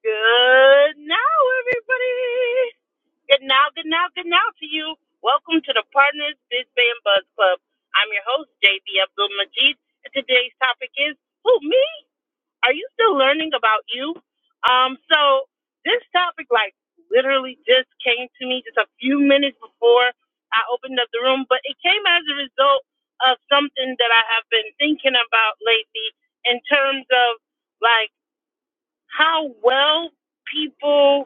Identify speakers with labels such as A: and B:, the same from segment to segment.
A: Good now, everybody. Good now, good now, good now to you. Welcome to the Partners Biz Band Buzz Club. I'm your host, JB Abdul Majid, and today's topic is Who, me? Are you still learning about you? Um, so this topic, like, literally just came to me just a few minutes before I opened up the room, but it came as a result of something that I have been thinking about lately in terms of like how well people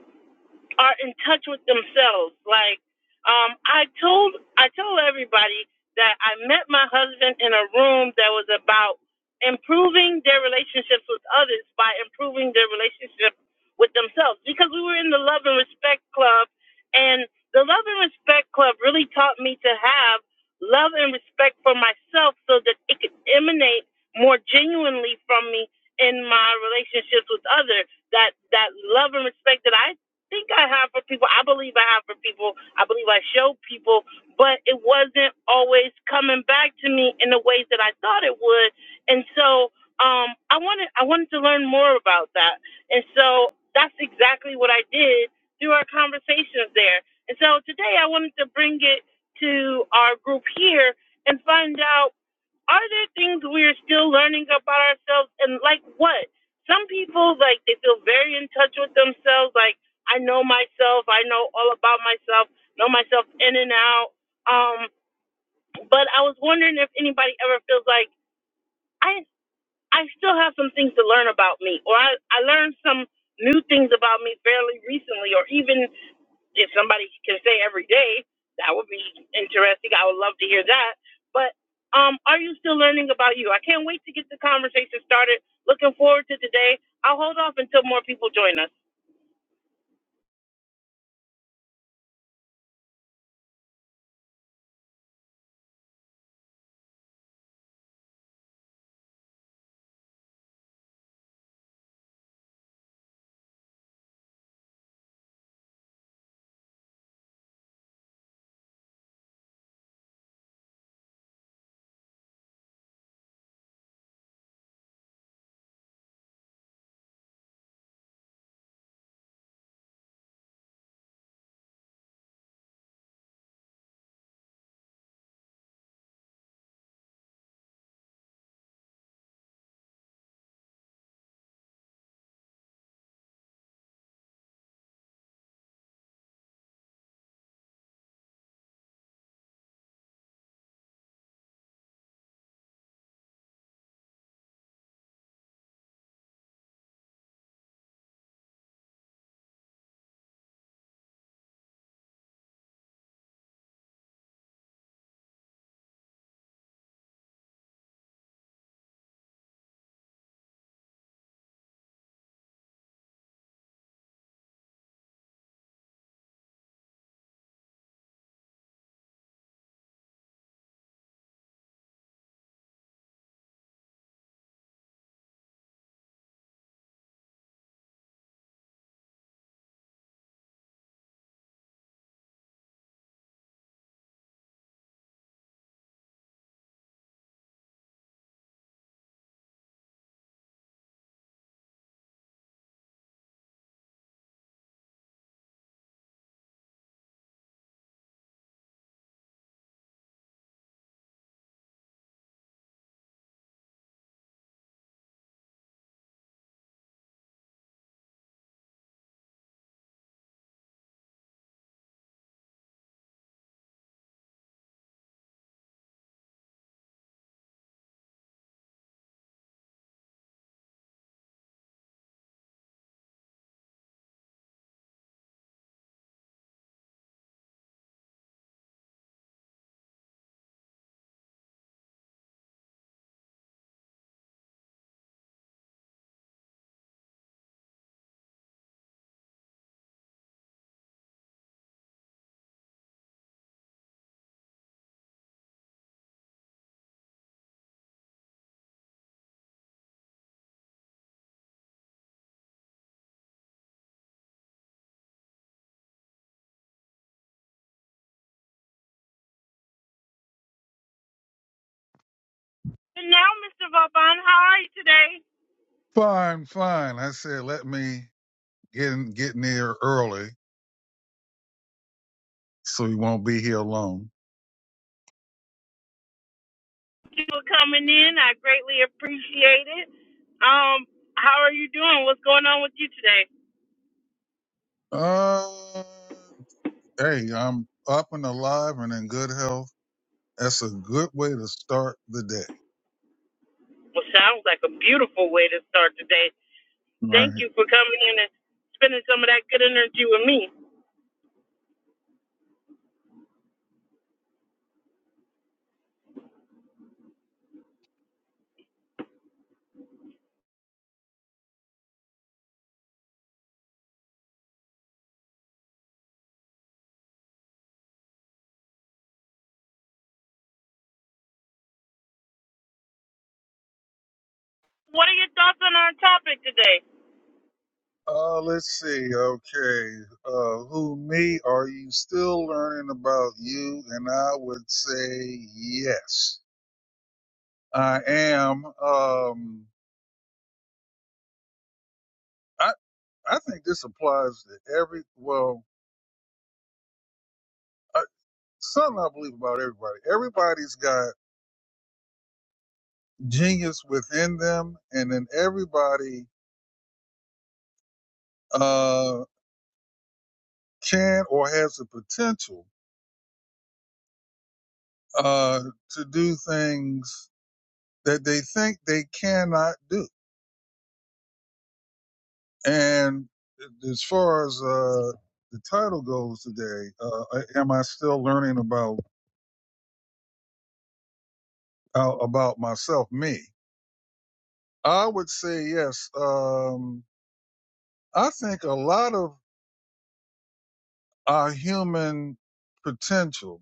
A: are in touch with themselves. Like um, I told I told everybody that I met my husband in a room that was about improving their relationships with others by improving their relationship with themselves because we were in the love and respect club and the love and respect club really taught me to have love and respect for myself so that it could emanate more genuinely from me in my relationships with others that that love and respect that I think I have for people. I believe I have for people. I believe I showed people, but it wasn't always coming back to me in the ways that I thought it would. And so um, I wanted I wanted to learn more about that. And so that's exactly what I did through our conversations there. And so today I wanted to bring it to our group here and find out are there things we're still learning about ourselves and like what some people like they feel very in touch with themselves like i know myself i know all about myself know myself in and out um but i was wondering if anybody ever feels like i i still have some things to learn about me or i i learned some new things about me fairly recently or even if somebody can say every day, that would be interesting. I would love to hear that. But um, are you still learning about you? I can't wait to get the conversation started. Looking forward to today. I'll hold off until more people join us. And now, Mr. Vauban, how are you today?
B: Fine, fine. I said, let me get in, get near early so you won't be here alone.
A: Thank you for coming in. I greatly appreciate it. Um, how are you doing? What's going on with you today?
B: Uh, hey, I'm up and alive and in good health. That's a good way to start the day,
A: Well, sounds like a beautiful way to start today. Thank
B: right?
A: you for coming in and spending some of that good energy with me. What are your thoughts on our topic today?
B: Uh, let's see. Okay. Uh, who me? Are you still learning about you? And I would say yes, I am. Um, I, I think this applies to every, well, something I believe about everybody. Everybody's got genius within them, and then everybody uh, can or has the potential uh, to do things that they think they cannot do. And as far as uh, the title goes today, uh, am I still learning about uh, about myself, me? I would say yes. Um, I think a lot of our human potential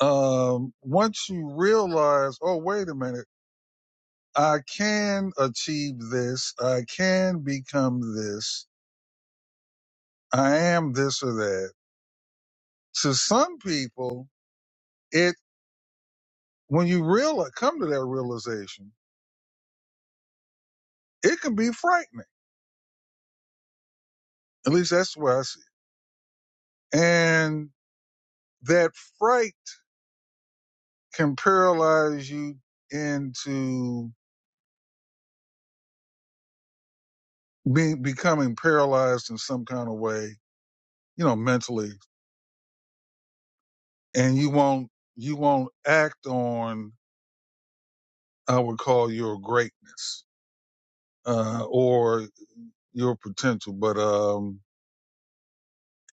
B: um, once you realize, oh, wait a minute, I can achieve this, I can become this, I am this or that. To some people, it when you realize come to that realization, it can be frightening. At least that's the way I see it. And that fright can paralyze you into be, becoming paralyzed in some kind of way, you know, mentally, and you won't you won't act on I would call your greatness uh, or your potential. But um,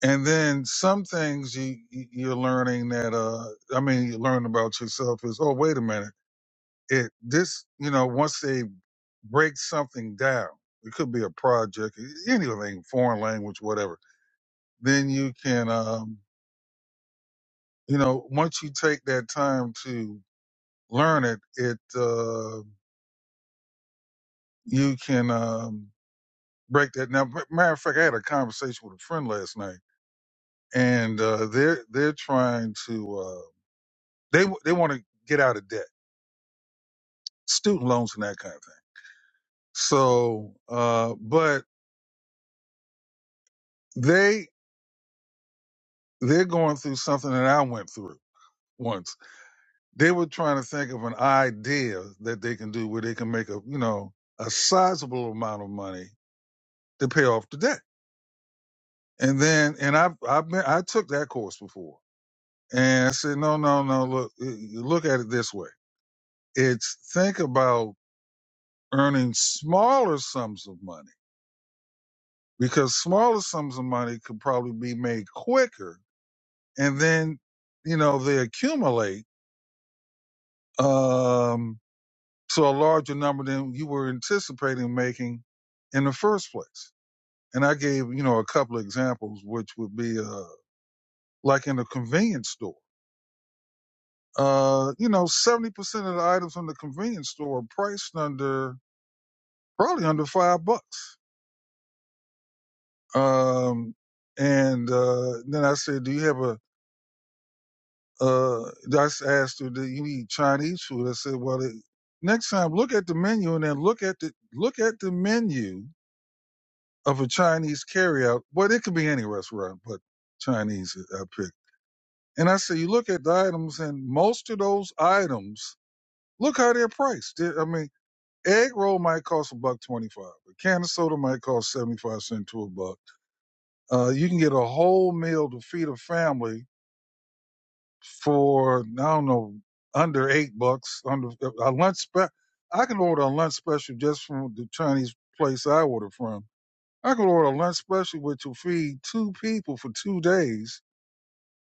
B: and then some things you you- are learning that uh, I mean you learn about yourself is oh wait a minute it this you know once they break something down it could be a project anything foreign language whatever then you can um, you know once you take that time to learn it it uh, you can um, break that now matter of fact I had a conversation with a friend last night and uh, they're they're trying to uh, they they want to get out of debt, student loans and that kind of thing. So, uh, but they they're going through something that I went through once. They were trying to think of an idea that they can do where they can make a you know a sizable amount of money to pay off the debt. And then and I I've been I took that course before, and I said no no no look you look at it this way. It's think about earning smaller sums of money because smaller sums of money could probably be made quicker and then you know they accumulate um to a larger number than you were anticipating making in the first place and i gave you know a couple of examples which would be uh like in a convenience store uh you know 70% of the items in the convenience store are priced under probably under five bucks um and uh then i said do you have a Uh, I s- asked her, "Do you eat Chinese food?" I said, "Well, it, next time look at the menu and then look at the look at the menu of a Chinese carryout. Well, it could be any restaurant, but Chinese I I picked." And I said, "You look at the items, and most of those items, look how they're priced. They're- I mean." Egg roll might cost a buck twenty five. A can of soda might cost seventy five cent to a buck. Uh, you can get a whole meal to feed a family for I don't know under eight bucks under a lunch special I can order a lunch special just from the Chinese place I order from. I can order a lunch special which will feed two people for two days,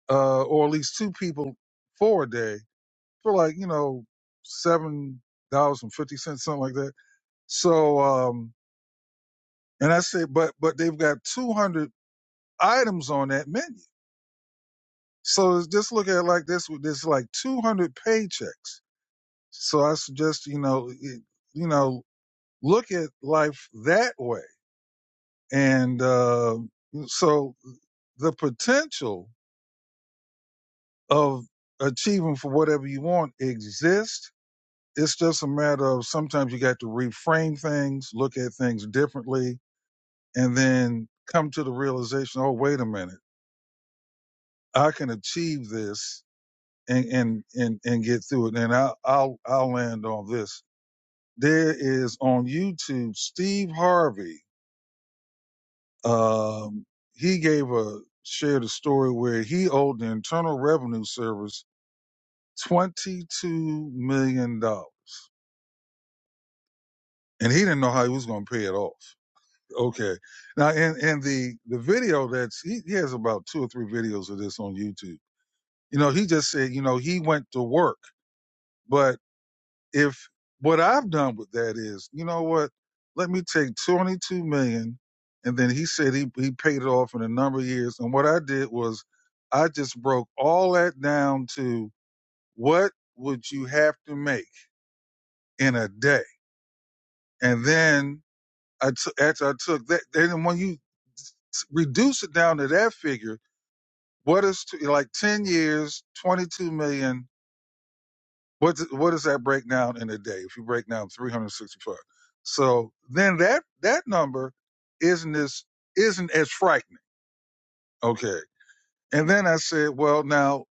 B: uh, or at least two people for a day for like you know seven dollars and fifty cents, something like that. So um, and I say, but but they've got two hundred items on that menu. So just look at it like this: with there's like two hundred paychecks So I suggest you know it, you know look at life that way, and uh, so the potential of achieving for whatever you want exists. It's just a matter of sometimes you got to reframe things, look at things differently, and then come to the realization, oh, wait a minute, I can achieve this and and and, and get through it. And I, I'll I'll land on this. There is on YouTube Steve Harvey Um, he gave a shared a story where he owed the Internal Revenue Service twenty two million dollars, and he didn't know how he was going to pay it off. Okay, now in in the the video that's he, he has about two or three videos of this on YouTube. You know, he just said, you know, he went to work, but If what I've done with that is, you know what? Let me take 22 million. And then he said he, he paid it off in a number of years. And what I did was I just broke all that down to what would you have to make in a day? And then I took, after I took that, then when you reduce it down to that figure, what is to, like 10 years, 22 million, What's what does that break down in a day? If you break down 365, so then that that number isn't as isn't as frightening. Okay, and then I said, well, now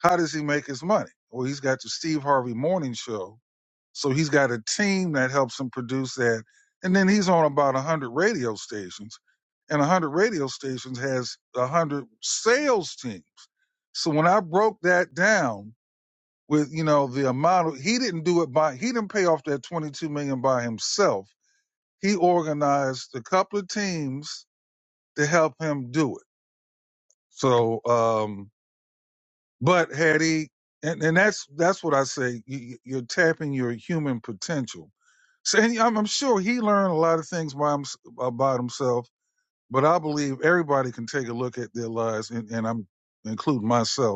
B: how does he make his money? Well, he's got the Steve Harvey Morning Show, so he's got a team that helps him produce that, and then he's on about one hundred radio stations, and one hundred radio stations has one hundred sales teams. So when I broke that down with you know the amount of, he didn't do it by he didn't pay off that 22 million by himself he organized a couple of teams to help him do it so um but had he and, and that's that's what i say you, you- are tapping your human potential so and I'm, I'm sure he learned a lot of things by hims about himself but i believe everybody can take a look at their lives and, and i'm including myself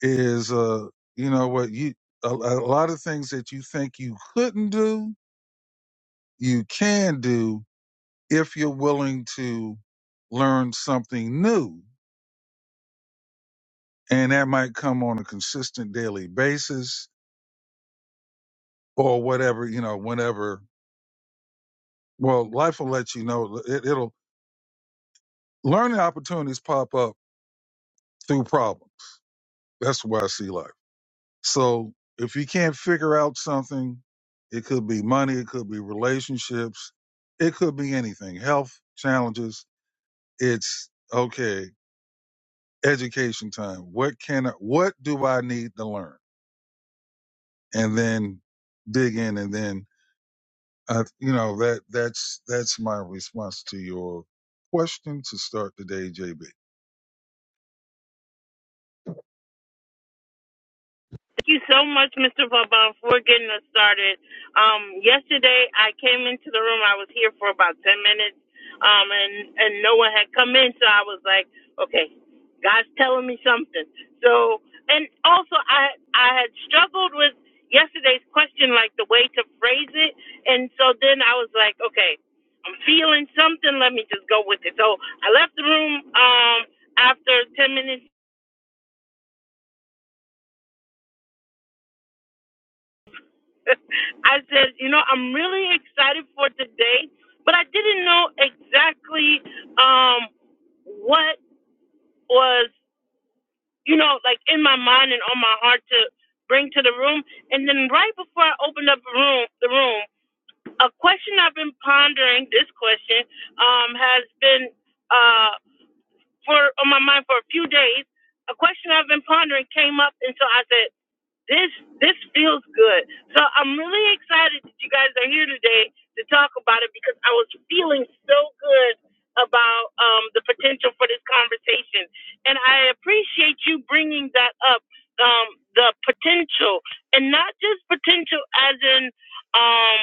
B: is uh you know what you a, a lot of things that you think you couldn't do you can do if you're willing to learn something new and that might come on a consistent daily basis or whatever you know whenever well life will let you know it, it'll learning opportunities pop up through problems that's the way i see life So if you can't figure out something, it could be money, it could be relationships, it could be anything, health challenges. It's okay, education time. What can I, what do I need to learn? And then dig in and then uh, you know that that's that's my response to your question to start today, JB.
A: Thank you so much, Mr. Baba, for getting us started. Um, yesterday, I came into the room. I was here for about 10 minutes, um, and, and no one had come in, so I was like, okay, God's telling me something. So, and also, I, I had struggled with yesterday's question, like the way to phrase it. And so then I was like, okay, I'm feeling something. Let me just go with it. So I left the room, um, after 10 minutes I said, you know, I'm really excited for today, but I didn't know exactly um, what was, you know, like in my mind and on my heart to bring to the room. And then right before I opened up the room, the room, a question I've been pondering, this question um, has been uh, for on my mind for a few days. A question I've been pondering came up, and so I said this this feels good. So I'm really excited that you guys are here today to talk about it because I was feeling so good about um, the potential for this conversation, and I appreciate you bringing that up. Um, the potential, and not just potential as in. Um,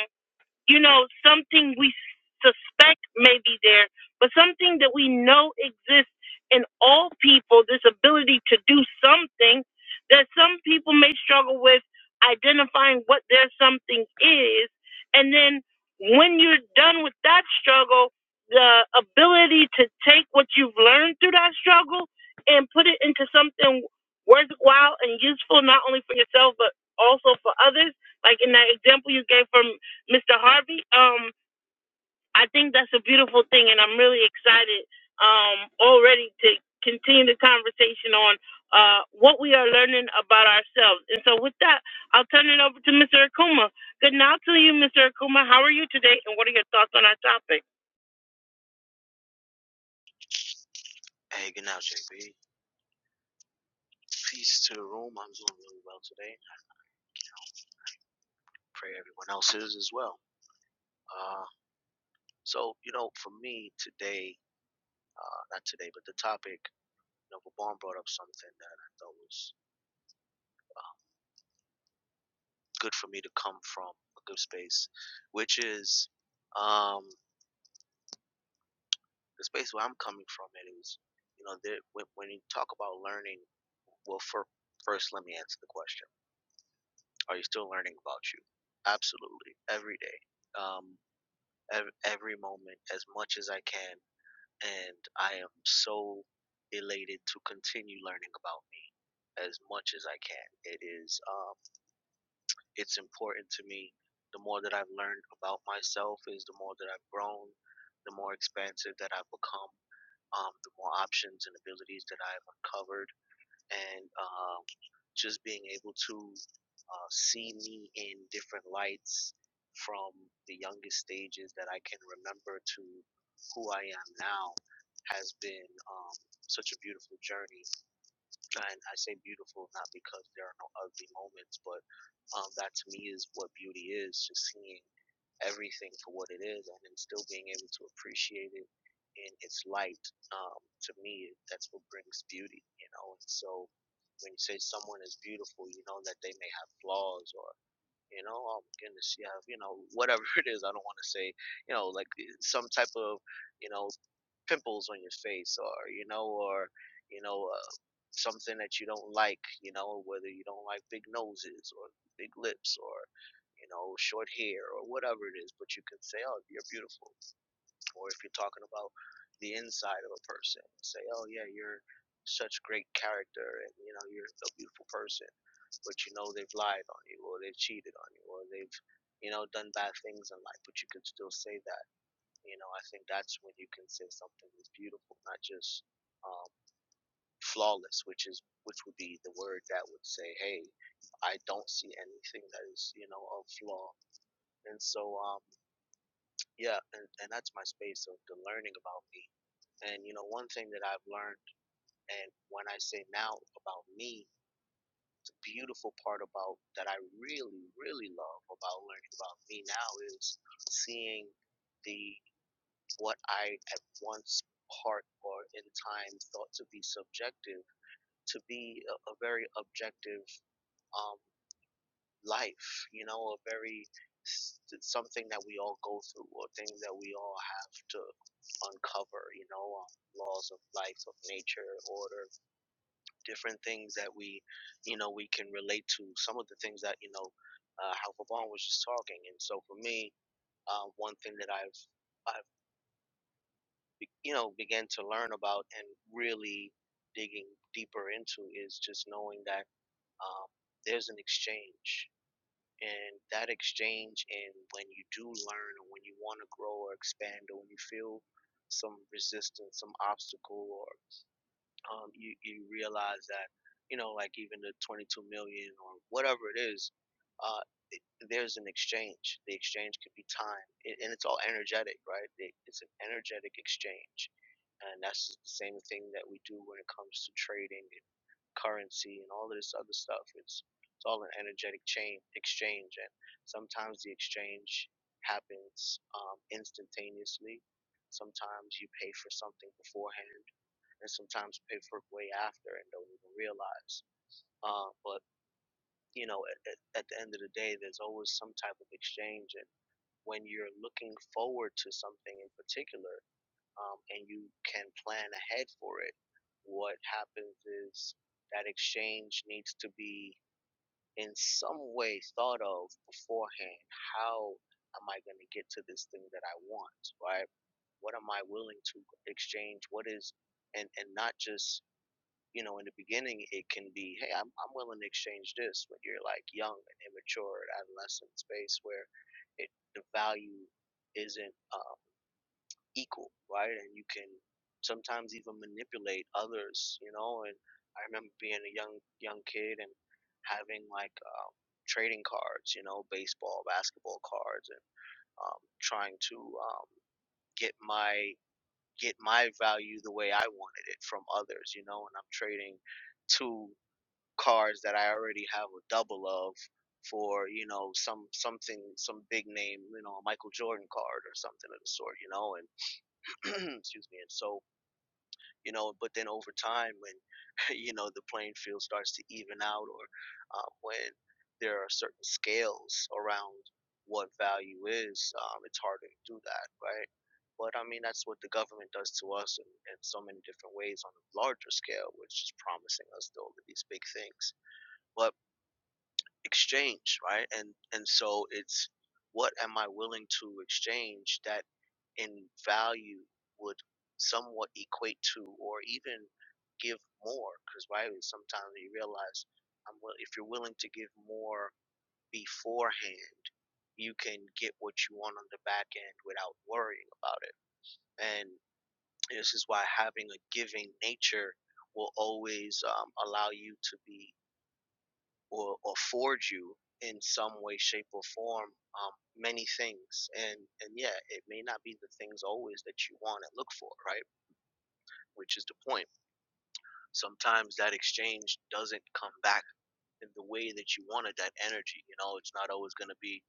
A: you know, something we suspect may be there, but something that we know exists in all people this ability to do something that some people may struggle with identifying what their something is. And then when you're done with that struggle, the ability to take what you've learned through that struggle and put it into something worthwhile and useful, not only for yourself, but also for others. Like in that example you gave from Mr. Harvey, um, I think that's a beautiful thing, and I'm really excited um, already to continue the conversation on uh, what we are learning about ourselves. And so, with that, I'll turn it over to Mr. Akuma. Good night to you, Mr. Akuma. How are you today, and what are your thoughts on our topic?
C: Hey, good now, JB. Peace to the room. I'm doing really well today. Pray everyone else is as well. Uh, so, you know, for me today, uh, not today, but the topic, you know, Vaughn brought up something that I thought was good for me to come from a good space, which is um, the space where I'm coming from. It is, you know, there, when, when you talk about learning, well, for, first, let me answer the question Are you still learning about you? Absolutely, every day. Um, ev- every moment as much as I can, and I am so elated to continue learning about me as much as I can. It is um, it's important to me. The more that I've learned about myself, is the more that I've grown, the more expansive that I've become, um, the more options and abilities that I've uncovered and um, just being able to uh, see me in different lights from the youngest stages that I can remember to who I am now has been um, such a beautiful journey. And I say beautiful not because there are no ugly moments, but um, that to me is what beauty is just seeing everything for what it is and then still being able to appreciate it in its light. Um, to me, that's what brings beauty, you know? And so when you say someone is beautiful, you know that they may have flaws or you know, oh my goodness, you have, you know, whatever it is. I don't want to say, you know, like eh, some type of, you know, pimples on your face or, you know, or, you know, uh, something that you don't like, you know, whether you don't like big noses or big lips or, you know, short hair or whatever it is. But you can say, oh, you're beautiful or if you're talking about the inside of a person, say, "Oh yeah, you're such great character, and you know you're a beautiful person," but you know they've lied on you, or they've cheated on you, or they've you know done bad things in life, but you could still say that. You know, I think that's when you can say something is beautiful, not just um, flawless, which is which would be the word that would say, "Hey, I don't see anything that is you know a flaw." And so, um, yeah, and, and that's my space of the learning about me and you know, one thing that I've learned, and when I say now about me, the beautiful part about that I really, really love about learning about me now is seeing the what I at once part or in time thought to be subjective to be a, a very objective um, life. You know, a very s- something that we all go through or things that we all have to uncover. You know, um, laws of life, of nature, order different things that we, you know, we can relate to. Some of the things that you know, uh, how Vaughn was just talking. And so for me, uh, one thing that I've, I've, you know, began to learn about and really digging deeper into is just knowing that um, there's an exchange. And that exchange, and when you do learn, or when you want to grow or expand, or when you feel some resistance, some obstacle, or um, you, you realize that, you know, like even the 22 million or whatever it is, uh, it, there's an exchange. The exchange could be time, it, and it's all energetic, right? It, it's an energetic exchange, and that's the same thing that we do when it comes to trading and currency and all of this other stuff. It's it's all an energetic chain exchange, and sometimes the exchange happens um, instantaneously. Sometimes you pay for something beforehand and sometimes pay for it way after and don't even realize. Uh, but you know, at, at the end of the day, there's always some type of exchange, and when you're looking forward to something in particular, um, and you can plan ahead for it, what happens is that exchange needs to be in some way thought of beforehand. How am I going to get to this thing that I want, right? What am I willing to exchange? What is and and not just you know, in the beginning, it can be, hey, I'm, I'm willing to exchange this when you're like young and immature, at adolescent space where it the value isn't um, equal, right? And you can sometimes even manipulate others, you know. And I remember being a young young kid and having like um, trading cards, you know, baseball, basketball cards, and um, trying to um, get my get my value the way I wanted it from others, you know. And I'm trading two Cards that I already have a double of for you know some something some big name you know a Michael Jordan card or something of the sort you know and excuse me and so you know but then over time when you know the playing field starts to even out or um, when there are certain scales around what value is um, it's harder to do that right but I mean that's what the government does to us in, in so many different ways on a larger scale which is promising us all of these big things but exchange right and and so it's what am i willing to exchange that in value would somewhat equate to or even give more because right sometimes you realize I'm, wi- if you're willing to give more beforehand you can get what you want on the back end without worrying about it and this is why having a giving nature will always um, allow you to be or, or forward you in some way, shape, or form um, many things. And and yeah, it may not be the things always that you want and look for, right? Which is the point. Sometimes that exchange doesn't come back in the way that you wanted that energy. You know, it's not always going to be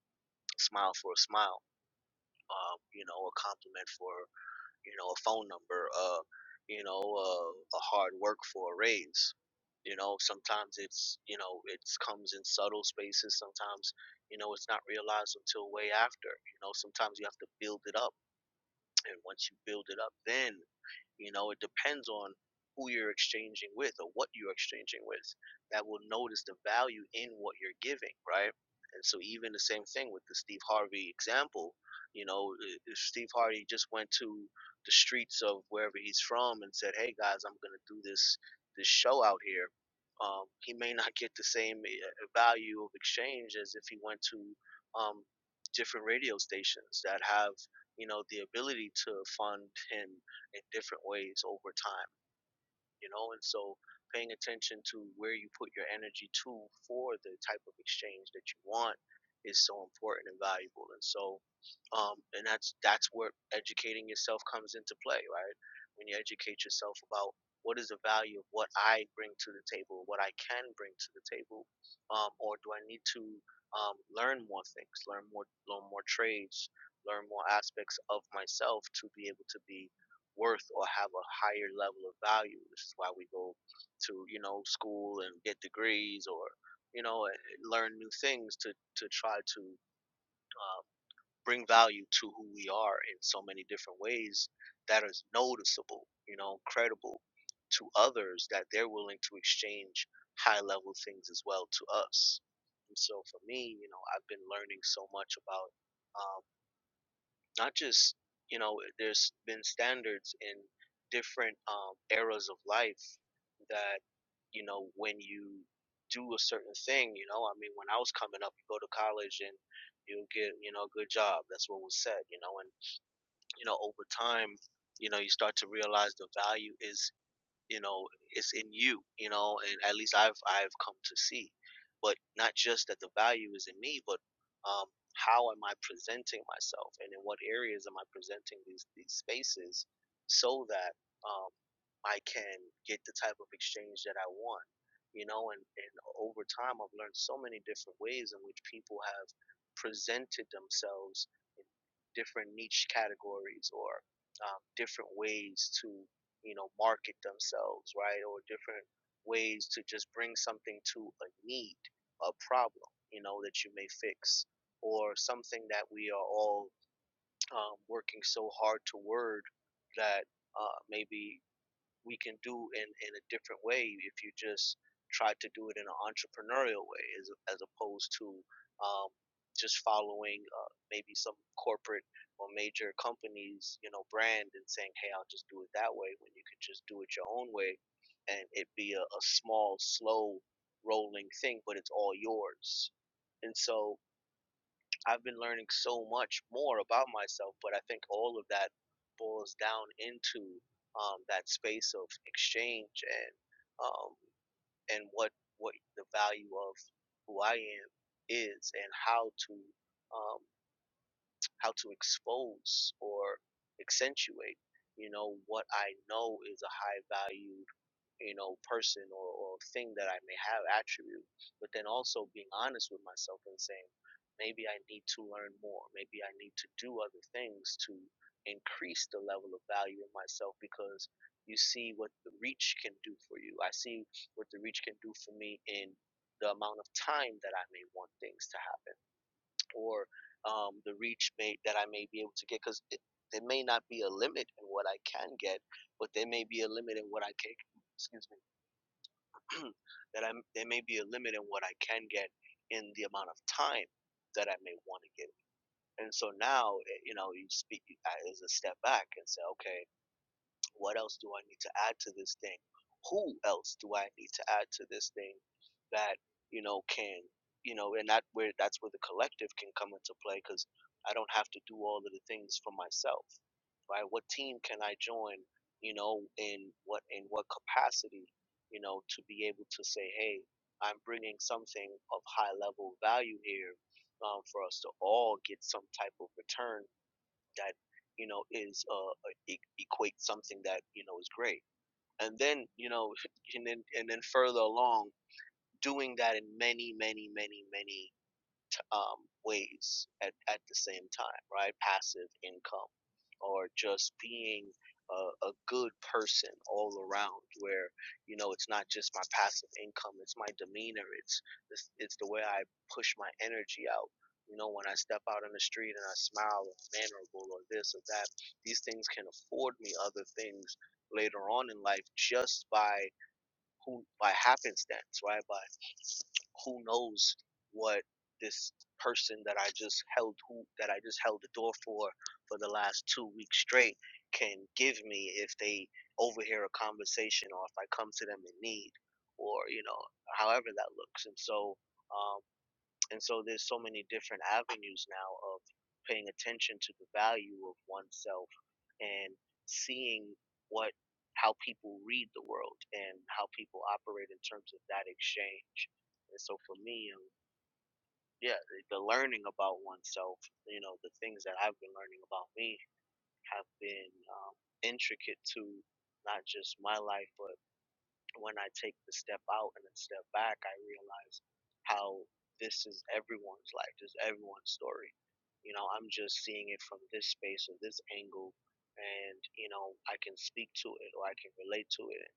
C: smile for a smile. Um, you know, a compliment for you know, a phone number, uh, you know, uh, a hard work for a raise. You know, sometimes it's you know it comes in subtle spaces. Sometimes you know it's not realized until way after. You know, sometimes you have to build it up, and once you build it up, then you know, it depends on who you're exchanging with or what you're exchanging with that will notice the value in what you're giving, right? And so, even the same thing with the Steve Harvey example, you know, if Steve Harvey just went to the streets of wherever he's from and said, "Hey guys, I'm going to do this this show out here." Um, he may not get the same uh, value of exchange as if he went to um, different radio stations that have you know the ability to fund him in different ways over time, you know? And so paying attention to where you put your energy to for the type of exchange that you want is so important and valuable. And so um and that's that's where educating yourself comes into play, right? When you educate yourself about what is the value of what I bring to the table, what I can bring to the table, um, or do I need to um, learn more things, learn more, learn more trades, learn more aspects of myself to be able to be worth or have a higher level of value. This is why we go to you know school and get degrees or you know learn new things to to try to uh, bring value to who we are in so many different ways that is noticeable, you know, credible to others that they're willing to exchange high level things as well to us. And so for me, you know, I've been learning so much about um, not just you know there's been standards in different um, eras of life that you know when you do a certain thing you know i mean when i was coming up you go to college and you'll get you know a good job that's what was said you know and you know over time you know you start to realize the value is you know it's in you you know and at least i've i've come to see but not just that the value is in me but um how am i presenting myself and in what areas am i presenting these these spaces so that um i can get the type of exchange that i want you know and and over time i've learned so many different ways in which people have presented themselves in different niche categories or um, different ways to you know, market themselves, right? Or different ways to just bring something to a need, a problem, you know, that you may fix, or something that we are all um, working so hard toward that uh, maybe we can do in, in a different way if you just try to do it in an entrepreneurial way as, as opposed to um, just following uh, maybe some corporate or major companies you know brand and saying hey i'll just do it that way when you could just do it your own way and it be a, a small slow rolling thing but it's all yours and so I've been learning so much more about myself, but I think all of that boils down into um, that space of exchange and um, and what what the value of who I am is and how to um, how to expose or accentuate you know what I know is a high value you know, person or, or thing that I may have attribute, but then also being honest with myself and saying, maybe I need to learn more. Maybe I need to do other things to increase the level of value in myself because you see what the reach can do for you. I see what the reach can do for me in the amount of time that I may want things to happen or um, the reach may, that I may be able to get because there may not be a limit in what I can get, but there may be a limit in what I can excuse me that I'm there may be a limit in what I can get in the amount of time that I may want to get. And so now, eh, you know, you speak as a step back and say, okay, what else do I need to add to this thing? Who else do I need to add to this thing that you know can you know and that where that's where the collective can come into play because I don't have to do all of the things for myself, right? What team can I join? You know, in what in what capacity? You know, to be able to say, hey, I'm bringing something of high level value here um, for us to all get some type of return that you know is uh uh, e- equate something that you know is great and then you know and then and then further along doing that in many many many many um, ways at, at the same time, right? Passive income or just being a, a good person all around where, you know, it's not just my passive income, it's my demeanor, it's, it's, it's the way I push my energy out. You know, when I step out on the street and I smile or I'm mannerable or this or that, these things can afford me other things later on in life just by who by happenstance, right? By who knows what this person that I just held who that I just held the door for for the last two weeks straight can give me if they overhear a conversation or if I come to them in need or you know however that looks and so um, and so there's so many different avenues now of paying attention to the value of oneself and seeing what how people read the world and how people operate in terms of that exchange. And so for me, um, yeah, the, the learning about oneself, you know, the things that I've been learning about me have been um, intricate to not just my life, but when I take the step out and then step back, I realize how this is everyone's life, this is everyone's story. You know, I'm just seeing it from this space or this angle, and you know, I can speak to it or I can relate to it,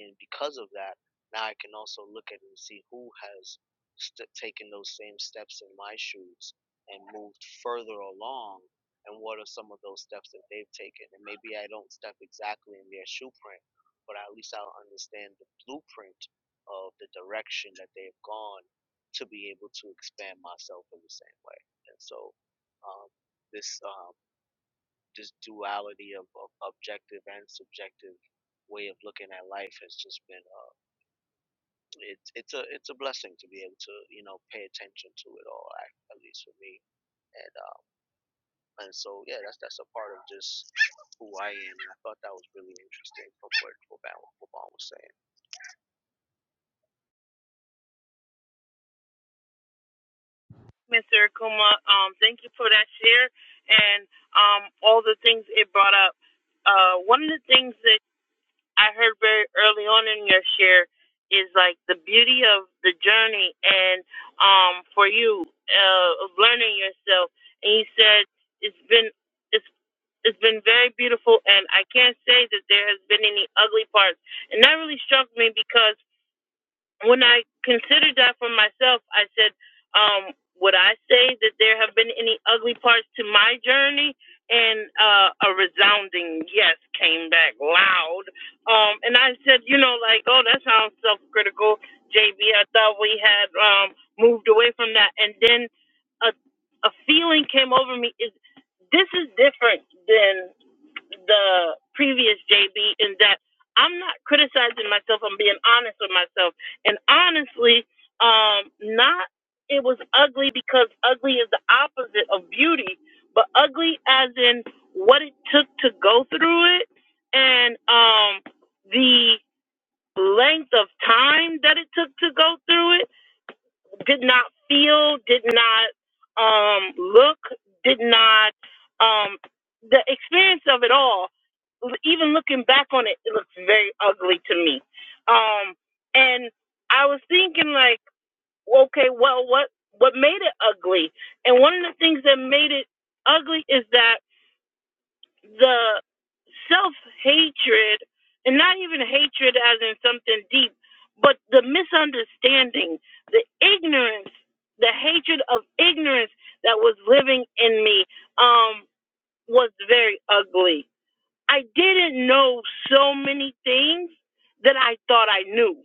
C: and because of that, now I can also look at it and see who has st- taken those same steps in my shoes and moved further along, and what are some of those steps that they've taken, and maybe I don't step exactly in their shoe print but at least I'll understand the blueprint of the direction that they've gone to be able to expand myself in the same way. And so, um, this um, this duality of, of objective and subjective way of looking at life has just been uh, it's it's a it's a blessing to be able to you know pay attention to it all at, at least for me and um, and so yeah that's that's a part of just who I am and I thought that was really interesting from what Boban was saying.
A: Mr. Akuma, um, thank you for that share and um, all the things it brought up. Uh, one of the things I heard very early on in your share is like the beauty of the journey and um for you uh of learning yourself and you said it's been it's it's been very beautiful and I can't say that there has been any ugly parts. And that really struck me because when I considered that for myself, I said, um, would I say that there have been any ugly parts to my journey? And uh, a resounding yes came back loud. Um, and I said, you know, like, oh, that sounds self critical, JB. I thought we had um, moved away from that. And then a, a feeling came over me is this is different than? the previous JB in that I'm not criticizing myself. I'm being honest with myself. And honestly, um, not it was ugly because ugly is the opposite of beauty, but ugly as in what it took to go through it and um, the length of time that it took to go through it did not feel, did not um, look, did not um, the experience of it all. Even looking back on it, it looks very ugly to me. Um, and I was thinking like, okay, well, what what made it ugly? And one of the things that made it ugly is that the self hatred, and not even hatred as in something deep, but the misunderstanding, the ignorance, the hatred of ignorance that was living in me um, was very ugly. I didn't know so many things that I thought I knew.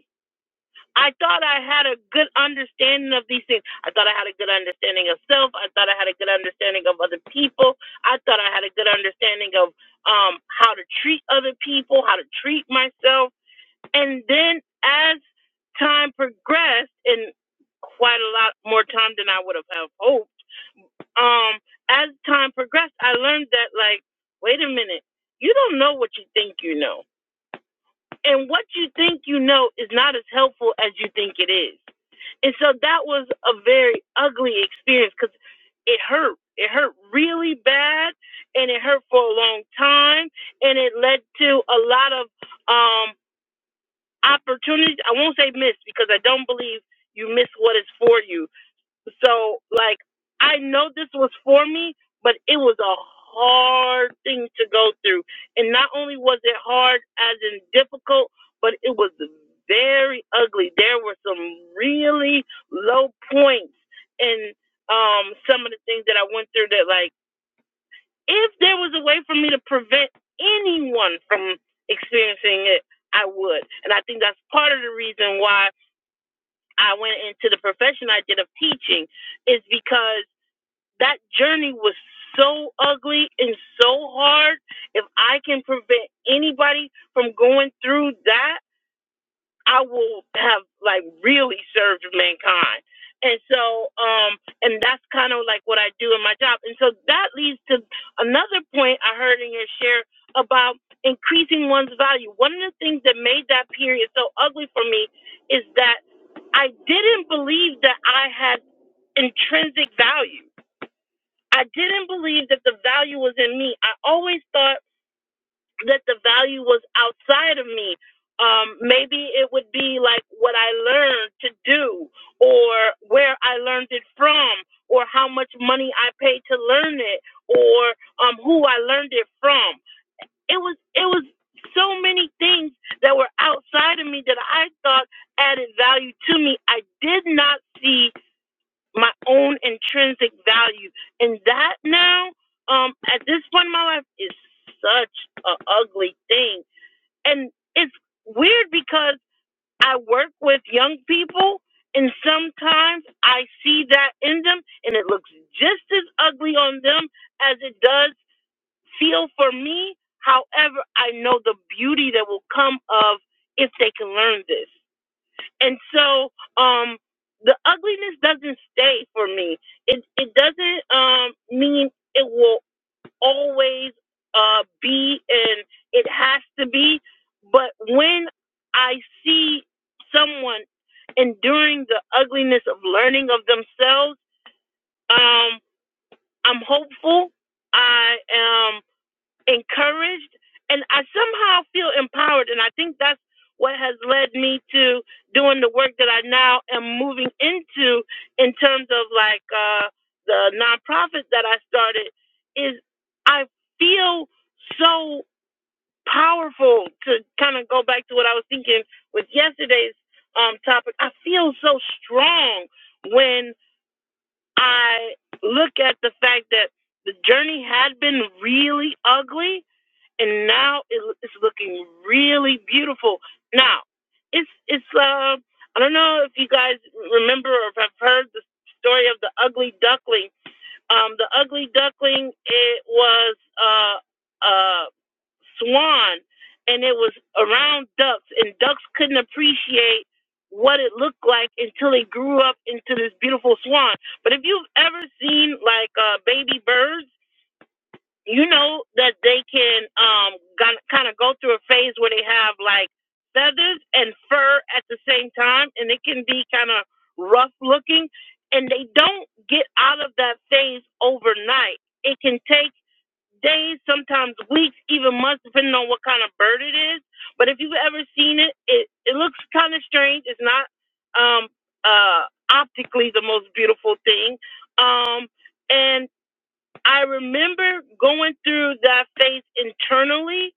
A: I thought I had a good understanding of these things. I thought I had a good understanding of self. I thought I had a good understanding of other people. I thought I had a good understanding of um, how to treat other people, how to treat myself. And then as time progressed, and quite a lot more time than I would have have hoped, um, as time progressed, I learned that, like, wait a minute, you don't know what you think you know. And what you think you know is not as helpful as you think it is and so that was a very ugly experience because it hurt. It hurt really bad and it hurt for a long time and it led to a lot of um opportunities. I won't say missed because I don't believe you miss what is for you so like I know this was for me, but it was a hard thing to go through. And not only was it hard as in difficult, but it was very ugly. There were some really low points in um some of the things that I went through that like if there was a way for me to prevent anyone from experiencing it, I would. And I think that's part of the reason why I went into the profession I did of teaching is because that journey was so ugly and so hard. If I can prevent anybody from going through that, I will have like really served mankind. And so, um, and that's kind of like what I do in my job. And so that leads to another point I heard in your share about increasing one's value. One of the things that made that period so ugly for me is that I didn't believe that I had intrinsic value. I didn't believe that the value was in me. I always thought that the value was outside of me. Um, maybe it would be like what I learned to do, or where I learned it from, or how much money I paid to learn it, or um, who I learned it from. It was it was so many things that were outside of me that I thought added value to me. I did not see my own intrinsic value. And that now, um, at this point in my life, is such a ugly thing. And it's weird because I work with young people, and sometimes I see that in them, and it looks just as ugly on them as it does feel for me. However, I know the beauty that will come of if they can learn this and so um the ugliness doesn't stay for me it it doesn't um mean it will always uh be and it has to be but when i see someone enduring the ugliness of learning of themselves um i'm hopeful i am encouraged and I somehow feel empowered. And I think that's what has led me to doing the work that I now am moving into in terms of like uh, the nonprofit that I started is I feel so powerful to kind of go back to what I was thinking with yesterday's um, topic. I feel so strong when I look at the fact that the journey had been really ugly and now it, it's looking really beautiful. Now, it's it's uh, I don't know if you guys remember or have heard the story of the ugly duckling. Um, the ugly duckling it was uh, a swan, and it was around ducks, and ducks couldn't appreciate what it looked like until it grew up into this beautiful swan. But if you've ever seen like uh, baby birds you know that they can um kind of go through a phase where they have like feathers and fur at the same time and it can be kind of rough looking and they don't get out of that phase overnight it can take days sometimes weeks even months depending on what kind of bird it is but if you've ever seen it it, it looks kind of strange it's not um uh optically the most beautiful thing um and I remember going through that phase internally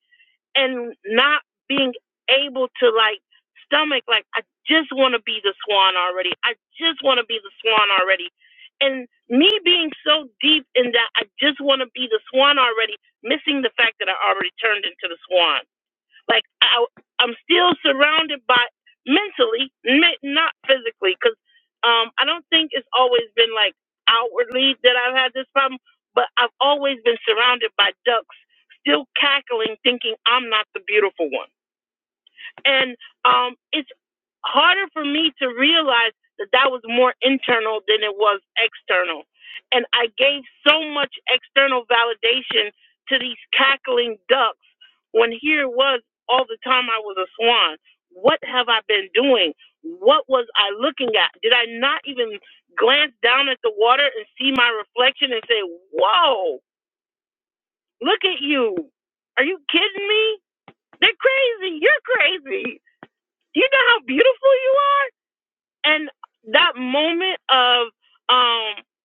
A: and not being able to like stomach like I just want to be the swan already. I just want to be the swan already. And me being so deep in that I just want to be the swan already, missing the fact that I already turned into the swan. Like I, I'm still surrounded by mentally, not physically, because um, I don't think it's always been like outwardly that I've had this problem, but I've always been surrounded by ducks, still cackling, thinking I'm not the beautiful one and um, it's harder for me to realize that that was more internal than it was external. And I gave so much external validation to these cackling ducks when here it was all the time I was a swan. What have I been doing? What was I looking at? Did I not even glance down at the water and see my reflection and say, Whoa, look at you? Are you kidding me? They're crazy. You're crazy. Do you know how beautiful you are? And that moment of um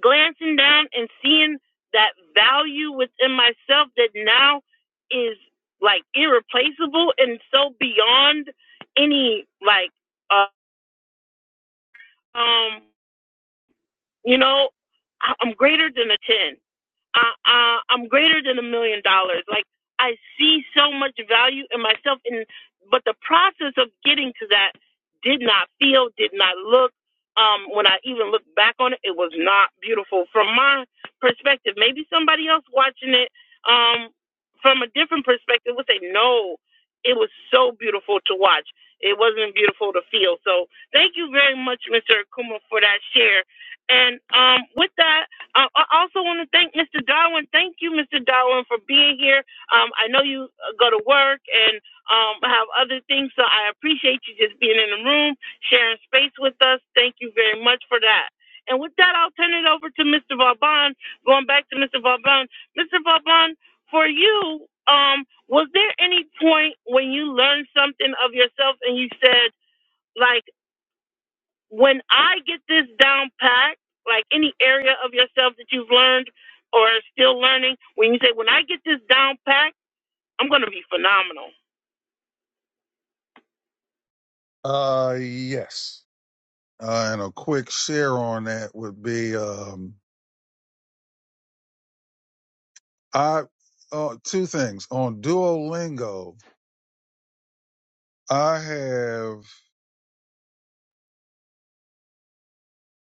A: glancing down and seeing that value within myself that now is like irreplaceable and so beyond any like uh, um you know I- I'm greater than a 10 I, I, I'm greater than a million dollars. Like I see so much value in myself, and but the process of getting to that did not feel, did not look. Um, when I even look back on it, it was not beautiful from my perspective. Maybe somebody else watching it um, from a different perspective would say, "No, it was so beautiful to watch. It wasn't beautiful to feel." So, thank you very much, Mr. Akuma, for that share. And um, with that. I I also want to thank Mr. Darwin. Thank you, Mr. Darwin, for being here. Um, I know you uh, go to work and um, have other things, so I appreciate you just being in the room, sharing space with us. Thank you very much for that. And with that, I'll turn it over to Mr. Vauban. Going back to Mr. Vauban, Mr. Vauban, for you, um, was there any point when you learned something of yourself and you said, like? when I get this down packed, like any area of yourself that you've learned or are still learning, when you say, when I get this down packed, I'm going to be phenomenal.
B: Uh yes. Uh, and a quick share on that would be um, I uh, two things on Duolingo. I have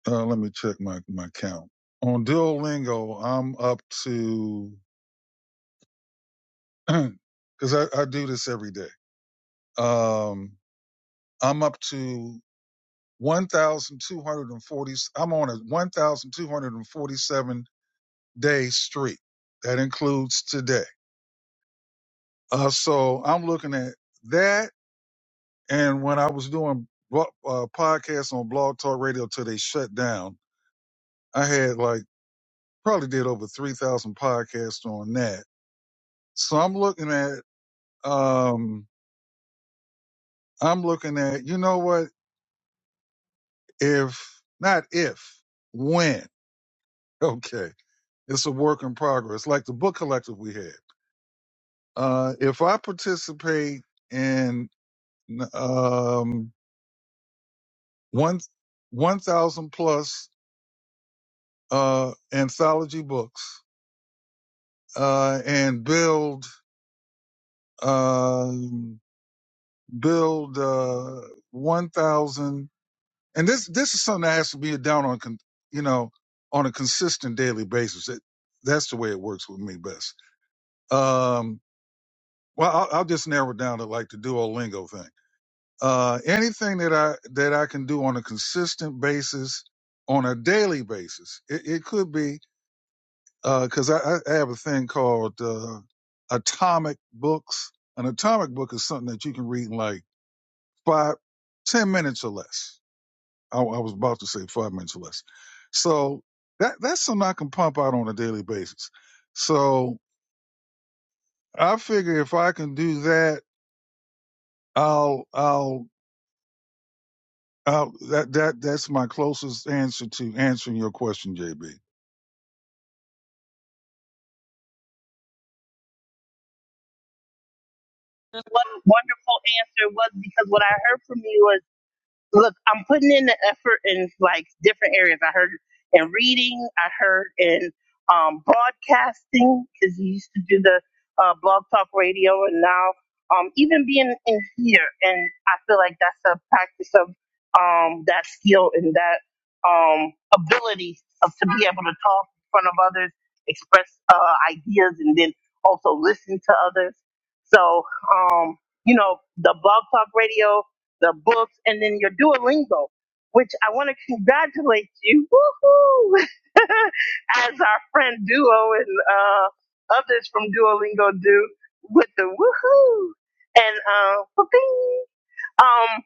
B: uh, let me check my my count on Duolingo. I'm up to because I, I do this every day. Um, I'm up to one thousand two hundred and forty. I'm on a one thousand two hundred and forty-seven day streak. That includes today. Uh, so I'm looking at that. And when I was doing uh, podcasts on Blog Talk Radio till they shut down. I had like probably did over 3,000 podcasts on that. So I'm looking at, um, I'm looking at, you know what? If not if, when, okay, it's a work in progress, like the book collective we had. Uh, if I participate in, um, one, 1,000 plus, uh, anthology books, uh, and build, um, build, uh, 1,000 And this this is something that has to be down on, con- you know, on a consistent daily basis. It, that's the way it works with me best. Um, well, I'll, I'll just narrow it down to like the Duolingo thing. Uh, anything that I that I can do on a consistent basis, on a daily basis, it, it could be because I, I have a thing called uh, atomic books. An atomic book is something that you can read in like five, ten minutes or less I, I was about to say five minutes or less. So that that's something I can pump out on a daily basis. So I figure if I can do that, I'll I'll, I'll that that that's my closest answer to answering your question, JB.
A: Wonderful answer was because what I heard from you look, I'm putting in the effort in like different areas. I heard in reading, I heard in um, broadcasting because you used to do the uh, blog talk radio, and now um, even being in here, and I feel like that's a practice of um, that skill and that um, ability of to be able to talk in front of others, express uh, ideas, and then also listen to others. So, um, you know, the blog talk radio the books, and then your Duolingo, which I want to congratulate you, woohoo, as our friend Duo and uh, others from Duolingo do with the woohoo and uh, whooping. Um,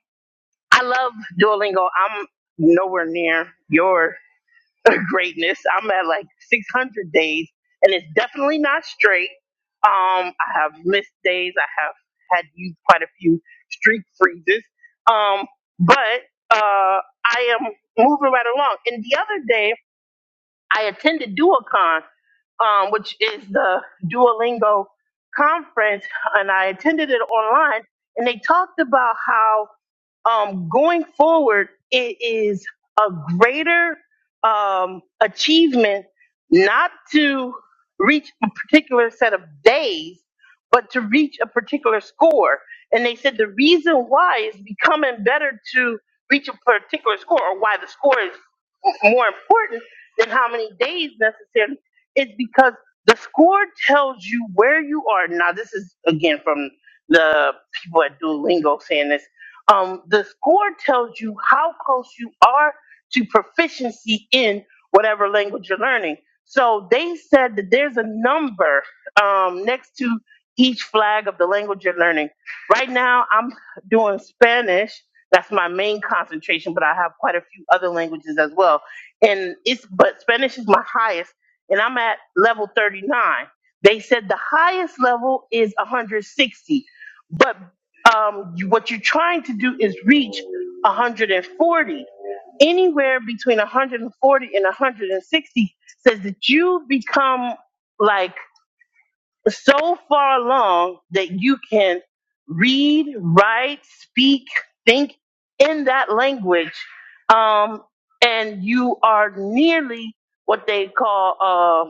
A: I love Duolingo. I'm nowhere near yours greatness. I'm at like 600 days, and it's definitely not straight. Um, I have missed days. I have had used quite a few streak freezes. Um, but uh, I am moving right along. And the other day, I attended DualCon, um, which is the Duolingo conference, and I attended it online. And they talked about how um, going forward, it is a greater um, achievement not to reach a particular set of days, but to reach a particular score. And they said the reason why is becoming better to reach a particular score, or why the score is more important than how many days necessarily is because the score tells you where you are. Now, this is again from the people at Duolingo saying this. Um, the score tells you how close you are to proficiency in whatever language you're learning. So they said that there's a number um, next to each flag of the language you're learning. Right now, I'm doing Spanish. That's my main concentration, but I have quite a few other languages as well and it's but Spanish is my highest, and I'm at level 39. They said the highest level is 160, but um, you- what you're trying to do is reach 140. Anywhere between 140 and 160 says that you become like so far along that you can read, write, speak, think in that language, um, and you are nearly what they call uh,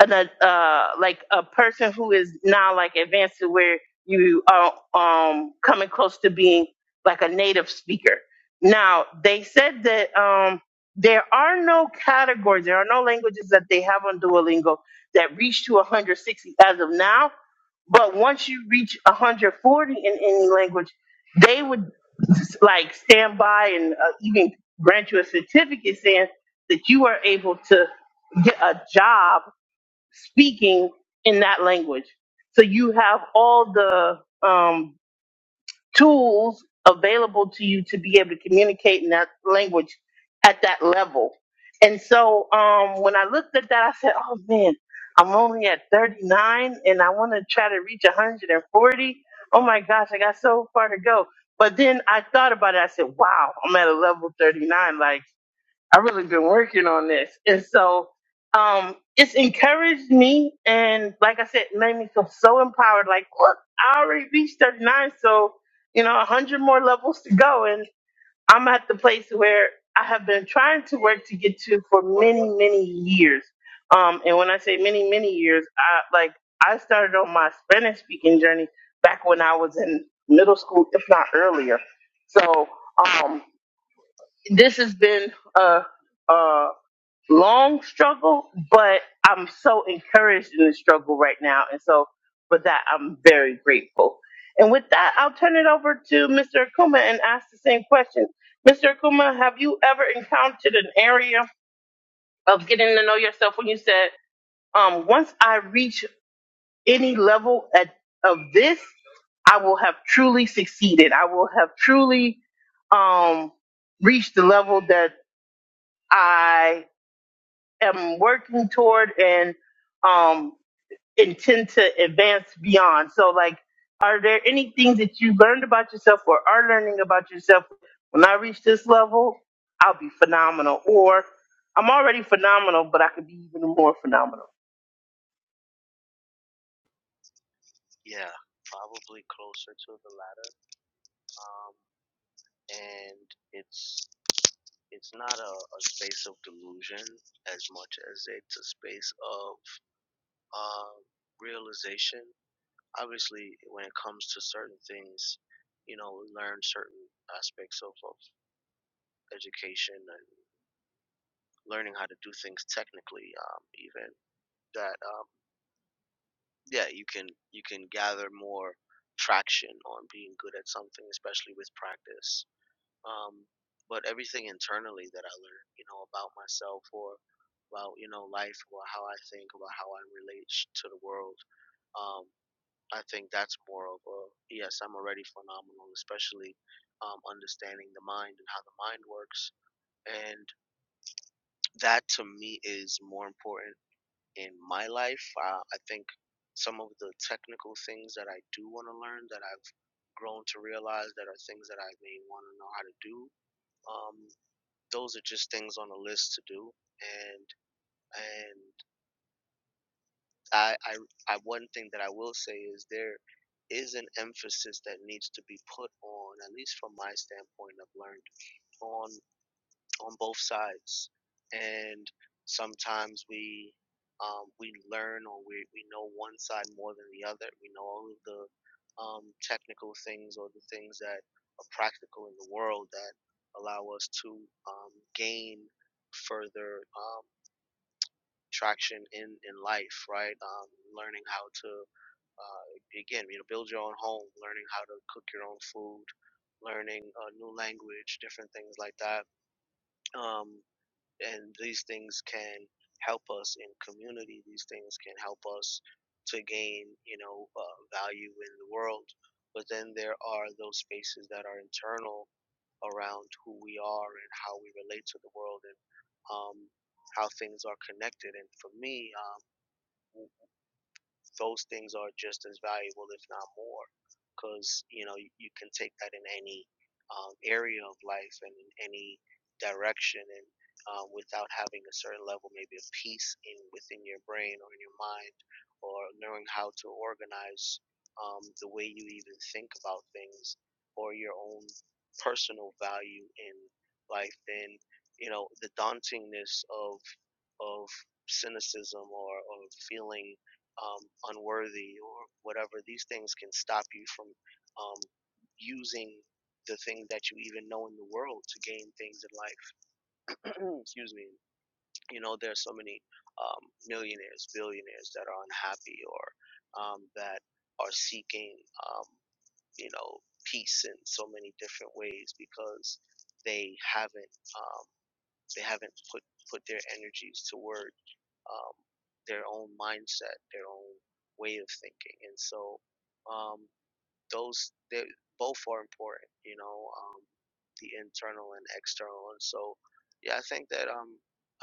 A: an uh uh, like a person who is now like advanced to where you are um coming close to being like a native speaker. Now they said that um there are no categories, there are no languages that they have on Duolingo that reach to 160 as of now. But once you reach 140 in any language, they would like stand by and uh, even grant you a certificate saying that you are able to get a job speaking in that language. So you have all the um, tools available to you to be able to communicate in that language at that level. And so um, when I looked at that, I said, oh man, I'm only at 39 and I want to try to reach 140. Oh my gosh, I got so far to go. But then I thought about it. I said, wow, I'm at a level 39. Like, I've really been working on this. And so um, it's encouraged me. And like I said, made me feel so empowered. Like, look, I already reached 39. So, you know, 100 more levels to go. And I'm at the place where I have been trying to work to get to for many, many years. Um, and when I say many, many years, I like I started on my Spanish speaking journey back when I was in middle school, if not earlier. So um, this has been a uh, long struggle, but I'm so encouraged in the struggle right now. And so for that, I'm very grateful. And with that, I'll turn it over to Mr. Akuma and ask the same question. Mr. Akuma, have you ever encountered an area of getting to know yourself when you said, um, once I reach any level at, of this, I will have truly succeeded. I will have truly um, reached the level that I." am working toward and um, intend to advance beyond. So, like, are there any things that you learned about yourself or are learning about yourself? When I reach this level, I'll be phenomenal. Or I'm already phenomenal, but I could be even more phenomenal.
C: Yeah, probably closer to the latter. Um, and it's it's not a, a space of delusion as much as it's a space of uh, realization. Obviously, when it comes to certain things, you know, we learn certain aspects of, of education and learning how to do things technically. Um, even that, um, yeah, you can you can gather more traction on being good at something, especially with practice um, but everything internally that I learned, you know, about myself or about you know life or how I think about how I relate sh- to the world. Um, I think that's more of a yes. I'm already phenomenal, especially um, understanding the mind and how the mind works, and that to me is more important in my life. Uh, I think some of the technical things that I do want to learn that I've grown to realize that are things that I may want to know how to do. Um, those are just things on a list to do and and I, I i one thing that i will say is there is an emphasis that needs to be put on at least from my standpoint i've learned on on both sides and sometimes we um, we learn or we, we know one side more than the other we know all of the um, technical things or the things that are practical in the world that allow us to um, gain further um, traction in in life, right? Um, learning how to uh, again, you know, build your own home, learning how to cook your own food, learning a new language, different things like that. Um, and these things can help us in community. These things can help us to gain, you know, uh, value in the world. But then there are those spaces that are internal around who we are and how we relate to the world and um, how things are connected. And for me, um, those things are just as valuable, if not more, because you know you, you can take that in any um, area of life and in any direction, and uh, without having a certain level maybe of peace in within your brain or in your mind, or knowing how to organize um, the way you even think about things, or your own personal value in life, then you know the dauntingness of of cynicism or, or feeling um, unworthy or whatever. These things can stop you from um, using the things that you even know in the world to gain things in life. Excuse me. You know, there's so many um, millionaires, billionaires that are unhappy or um, that are seeking, um, you know, peace in so many different ways because they haven't um, they haven't put put their energies toward um, their own mindset, their own way of thinking. And so um, those they both are important, you know, um, the internal and external. And so yeah, I think that um,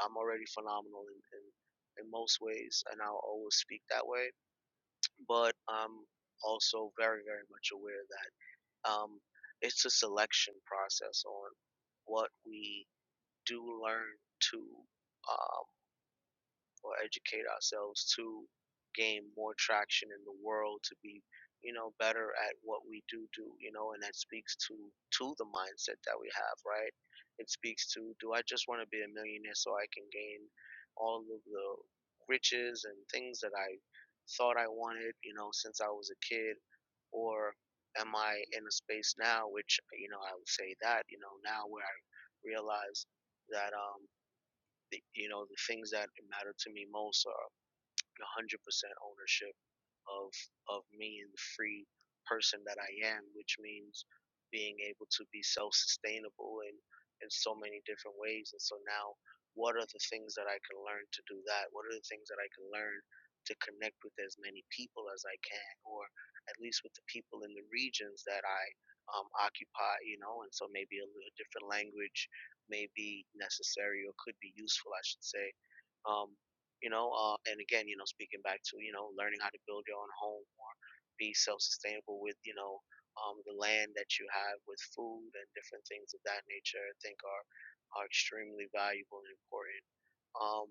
C: I'm already phenomenal in, in in most ways, and I'll always speak that way. But I'm also very very much aware that um, it's a selection process on what we do learn to. Um, or educate ourselves to gain more traction in the world to be you know better at what we do do you know and that speaks to to the mindset that we have right it speaks to do i just want to be a millionaire so i can gain all of the riches and things that i thought i wanted you know since i was a kid or am i in a space now which you know i would say that you know now where i realize that um the, you know the things that matter to me most are 100% ownership of of me and the free person that I am, which means being able to be self-sustainable in in so many different ways. And so now, what are the things that I can learn to do that? What are the things that I can learn to connect with as many people as I can, or at least with the people in the regions that I um, occupy, you know? And so maybe a little different language may be necessary or could be useful, I should say um, you know uh, and again you know speaking back to you know learning how to build your own home or be self-sustainable with you know um, the land that you have with food and different things of that nature i think are are extremely valuable and important um,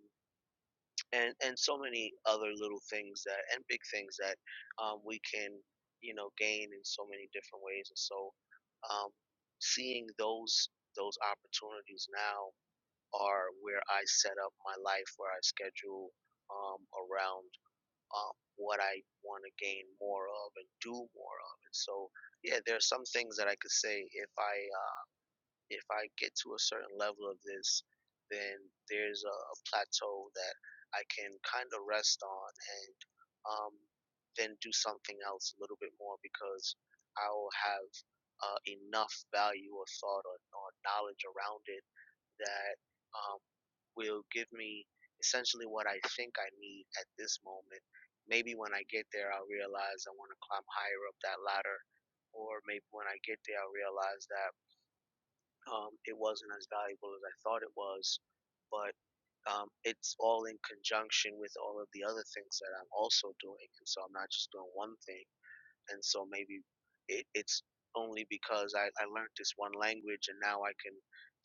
C: and and so many other little things that and big things that um, we can you know gain in so many different ways and so um, seeing those those opportunities now are where I set up my life, where I schedule um, around um, what I want to gain more of and do more of. And so, yeah, there are some things that I could say if I uh, if I get to a certain level of this, then there's a, a plateau that I can kind of rest on and um, then do something else a little bit more because I'll have uh, enough value or thought or, or knowledge around it that um, will give me essentially what I think I need at this moment. Maybe when I get there, I'll realize I want to climb higher up that ladder, or maybe when I get there, I'll realize that um, it wasn't as valuable as I thought it was. But um, it's all in conjunction with all of the other things that I'm also doing, and so I'm not just doing one thing and so maybe it, it's only because I, I learned this one language and now I can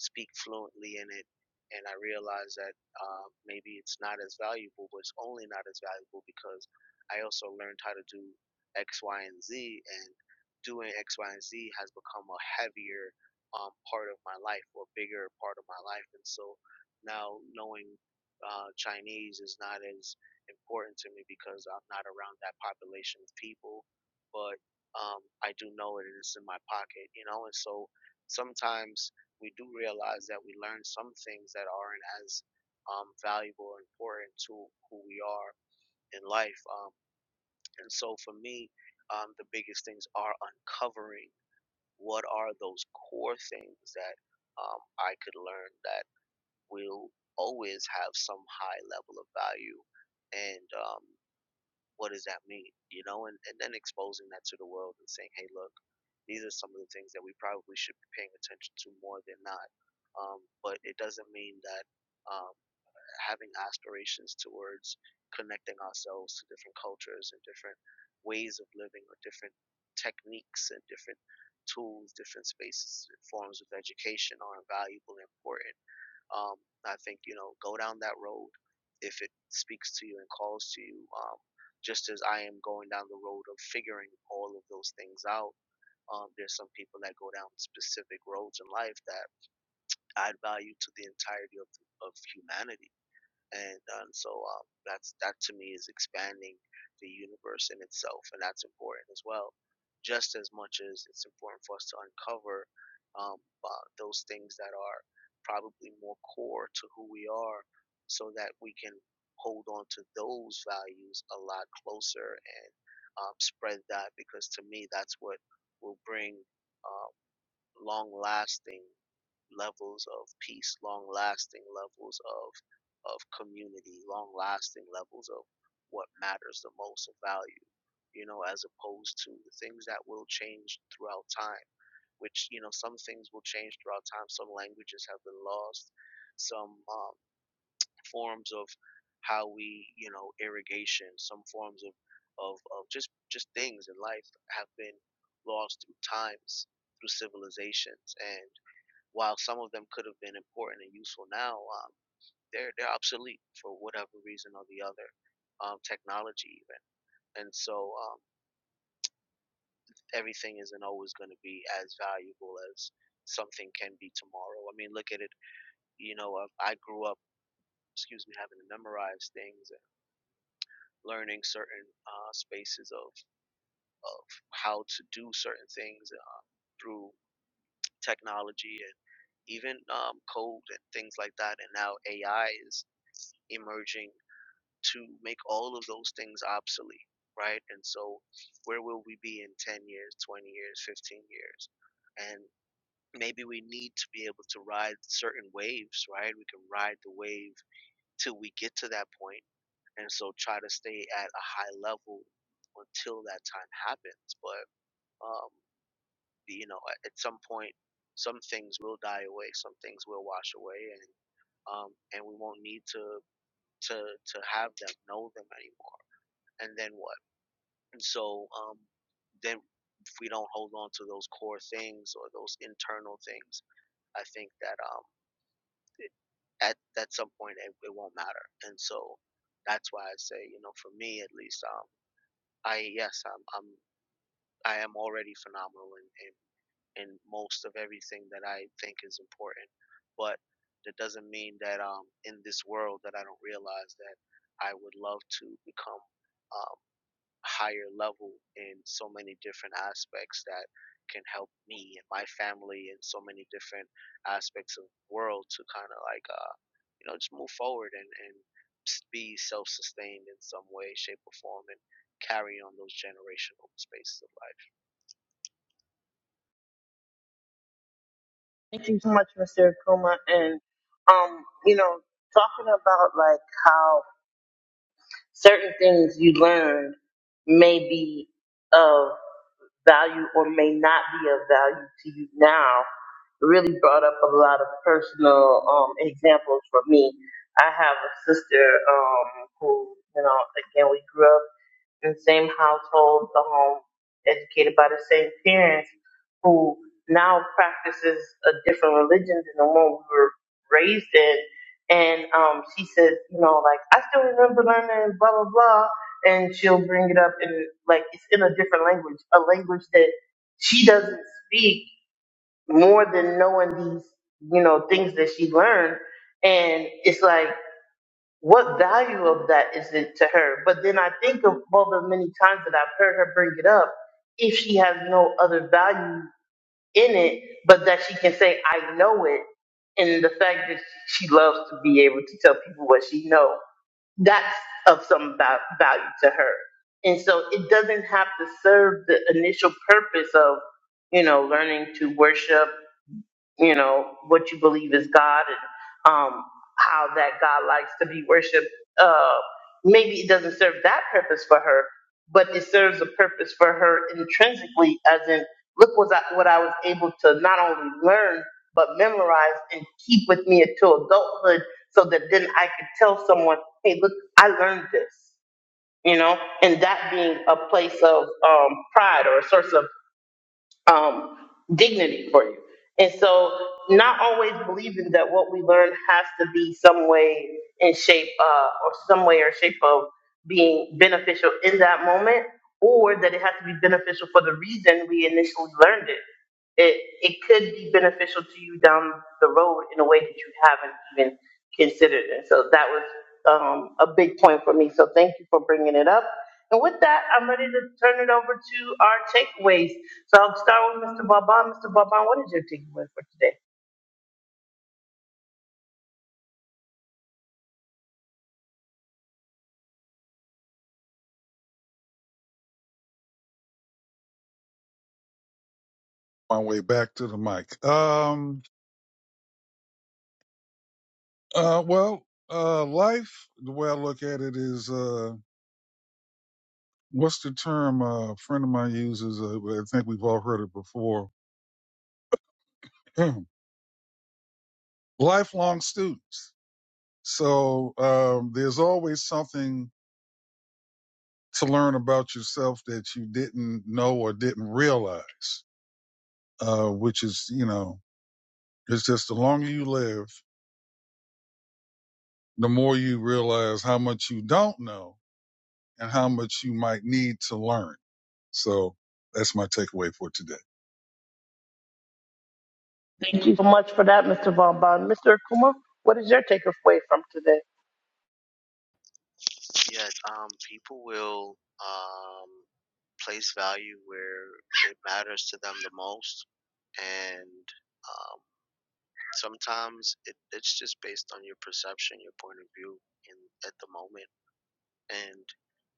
C: speak fluently in it and I realize that uh, maybe it's not as valuable but it's only not as valuable because I also learned how to do X Y and Z and doing X Y and Z has become a heavier um, part of my life or bigger part of my life and so now knowing uh, Chinese is not as important to me because I'm not around that population of people but um, I do know it is in my pocket, you know. And so sometimes we do realize that we learn some things that aren't as um, valuable or important to who we are in life. Um, and so for me, um, the biggest things are uncovering what are those core things that um, I could learn that will always have some high level of value and um, what does that mean you know and, and then exposing that to the world and saying hey look these are some of the things that we probably should be paying attention to more than not. Um, but it doesn't mean that um, having aspirations towards connecting ourselves to different cultures and different ways of living or different techniques and different tools, different spaces, forms of education are invaluable and important. Um, I think, you know, go down that road if it speaks to you and calls to you. Um, just as I am going down the road of figuring all of those things out um, there's some people that go down specific roads in life that add value to the entirety of, of humanity and and so um, that's that to me is expanding the universe in itself, and that's important as well. Just as much as it's important for us to uncover um, uh, those things that are probably more core to who we are, so that we can hold on to those values a lot closer and um, spread that. Because to me, that's what will bring uh, long-lasting levels of peace, long lasting levels of of community, long lasting levels of what matters the most of value, you know, as opposed to the things that will change throughout time, which, you know, some things will change throughout time. Some languages have been lost, some um, forms of how we, you know, irrigation, some forms of, of, of just, just things in life have been lost through times, through civilizations. And while some of them could have been important and useful now, um, they're they're obsolete for whatever reason or the other, um, technology even, and so um, everything isn't always going to be as valuable as something can be tomorrow. I mean, look at it. You know, uh, I grew up, excuse me, having to memorize things and learning certain uh, spaces of of how to do certain things uh, through technology and even um, code and things like that. And now AI is emerging to make all of those things obsolete, right? And so, where will we be in 10 years, 20 years, 15 years? And maybe we need to be able to ride certain waves, right? We can ride the wave till we get to that point, and so try to stay at a high level until that time happens. But um, you know, at at some point, some things will die away, some things will wash away, and um, and we won't need to to to have them know them anymore. And then what? And so um, then if we don't hold on to those core things or those internal things, I think that um, it- at at some point it, it won't matter. And so that's why I say, you know, for me at least, um, I yes, I'm I'm I am already phenomenal in, in in most of everything that I think is important, but that doesn't mean that um in this world that I don't realize that I would love to become. um, higher level in so many different aspects that can help me and my family in so many different aspects of the world to kind of like uh you know just move forward and and be self-sustained in some way shape or form and carry on those generational spaces of life
A: Thank you so much, Mr. Akuma. And, um, you know, talking about like how certain things you learned may be of value or may not be of value to you now really brought up a lot of personal um, examples for me. I have a sister um, who, you know, again, we grew up in the same household, the home, educated by the same parents, who now practices a different religion than the one we were raised in. And um, she says, you know, like I still remember learning blah blah blah, and she'll bring it up in like it's in a different language, a language that she doesn't speak more than knowing these, you know, things that she learned. And it's like what value of that is it to her? But then I think of all the many times that I've heard her bring it up, if she has no other value in it, but that she can say, I know it, and the fact that she loves to be able to tell people what she know, that's of some va- value to her. And so it doesn't have to serve the initial purpose of, you know, learning to worship you know, what you believe is God and um, how that God likes to be worshiped. Uh, maybe it doesn't serve that purpose for her, but it serves a purpose for her intrinsically, as in, look what I, what I was able to not only learn, but memorize and keep with me until adulthood so that then I could tell someone, hey, look, I learned this. You know, and that being a place of um, pride or a source of um, dignity for you. And so, not always believing that what we learn has to be some way in shape, uh, or some way or shape of being beneficial in that moment, or that it has to be beneficial for the reason we initially learned it. It it could be beneficial to you down the road in a way that you haven't even considered. And so, that was um, a big point for me. So, thank you for bringing it up. And with that, I'm ready to turn it over to our takeaways. So I'll start with Mr. Vauban. Mr. Vauban, what is your takeaway for today?
B: My way back to the mic. Um. Uh. Well. Uh. Life. The way I look at it is. Uh. What's the term? Uh, a friend of mine uses. Uh, I think we've all heard it before. Lifelong students So um, there's always something to learn about yourself that you didn't know or didn't realize, uh, which is, you know, it's just the longer you live, the more you realize how much you don't know and how much you might need to learn. So that's my takeaway for today.
A: Thank you so much for that, Mr. Vauban. Mr. Akuma, what is your takeaway from today?
C: yes um people will um place value where it matters to them the most and uh, sometimes it, it's just based on your perception, your point of view in at the moment, and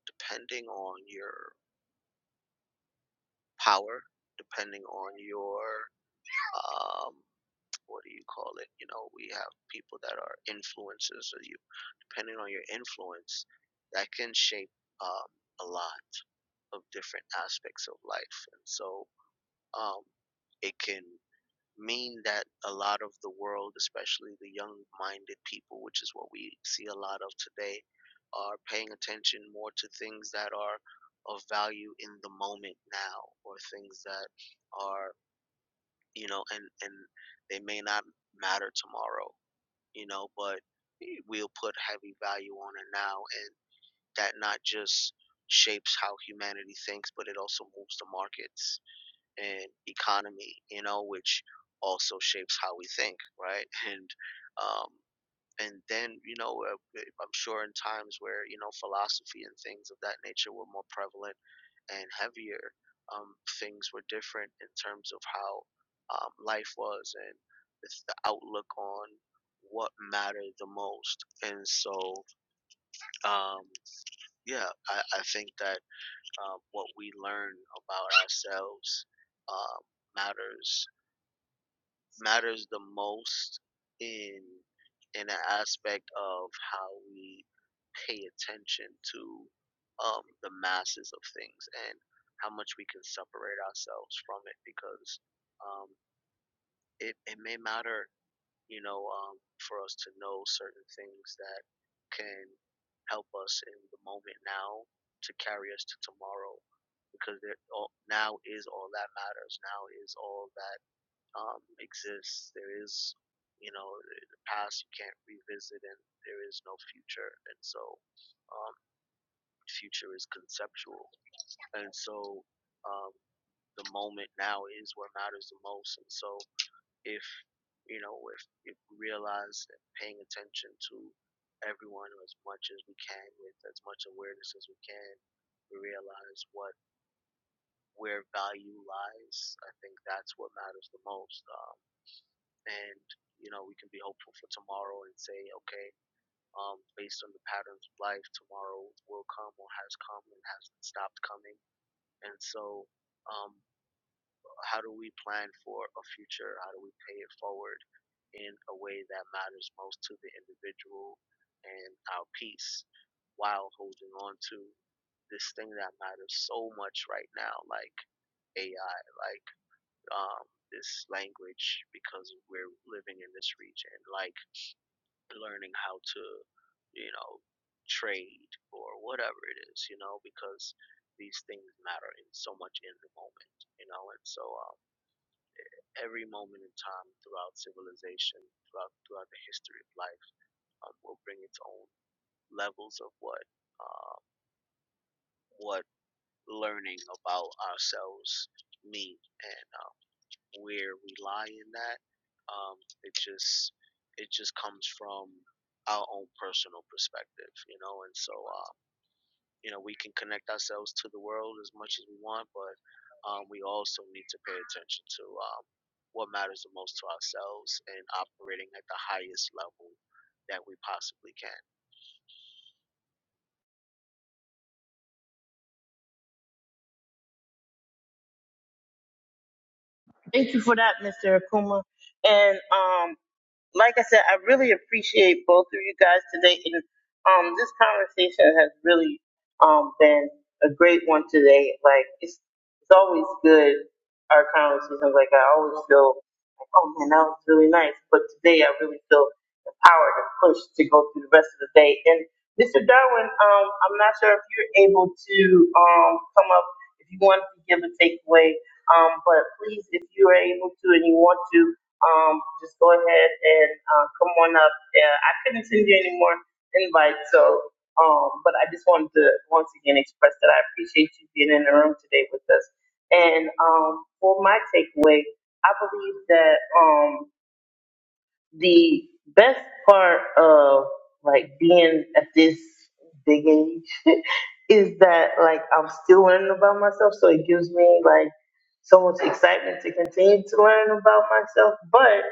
C: depending on your power, depending on your um, what do you call it? You know, we have people that are influencers, or you depending on your influence, that can shape um, a lot of different aspects of life, and so um, it can mean that a lot of the world, especially the young minded people, which is what we see a lot of today, are paying attention more to things that are of value in the moment now or things that are, you know, and, and they may not matter tomorrow, you know, but we'll put heavy value on it now. And that not just shapes how humanity thinks, but it also moves the markets and economy, you know, which also shapes how we think, right? And um, and then you know, uh, eh, I'm sure in times where you know philosophy and things of that nature were more prevalent and heavier, um, things were different in terms of how um, life was and it's the outlook on what mattered the most. And so, um, yeah, I, I think that um, what we learn about ourselves um, matters matters the most in in an aspect of how we pay attention to um, the masses of things and how much we can separate ourselves from it because um, it, it may matter you know um, for us to know certain things that can help us in the moment now to carry us to tomorrow because there, all, now is all that matters now is all that um, exists. There is, you know, the past you can't revisit, and there is no future. And so, um, future is conceptual. And so, um, the moment now is what matters the most. And so, if you know, if, if we realize that paying attention to everyone as much as we can, with as much awareness as we can, we realize what where value lies. I think that's what matters the most. Um, and you know we can be hopeful for tomorrow and say okay um, based on the patterns of life tomorrow will come or has come and has stopped coming and so um, how do we plan for a future how do we pay it forward in a way that matters most to the individual and our peace while holding on to this thing that matters so much right now like ai like um, this language because we're living in this region like learning how to, you know, trade or whatever it is, you know, because these things matter in so much in the moment, you know, and so um, every moment in time throughout civilization, throughout throughout the history of life, um, will bring its own levels of what um, what learning about ourselves mean and um, where we lie in that. Um, it just it just comes from our own personal perspective, you know, and so Um, you know, we can connect ourselves to the world as much as we want, but um, we also need to pay attention to um, what matters the most to ourselves and operating at the highest level that we possibly can.
A: Thank you for that, Mr. Akuma. And um, like I said, I really appreciate both of you guys today. And um, this conversation has really um, been a great one today. Like it's it's always good our conversations. Like I always feel like, oh man, that was really nice. But today I really feel empowered and pushed to go through the rest of the day. And Mr. Darwin, um, I'm not sure if you're able to um, come up if you want to give a takeaway. Um, but please, if you are able to and you want to um, just go ahead and uh, come on up. Uh, I couldn't send you any more invites, so um, but I just wanted to once again express that I appreciate you being in the room today with us. And um, for my takeaway, I believe that. Um, the best part of like being at this big age is that like I'm still learning about myself, so it gives me like so much excitement to continue to learn about myself. But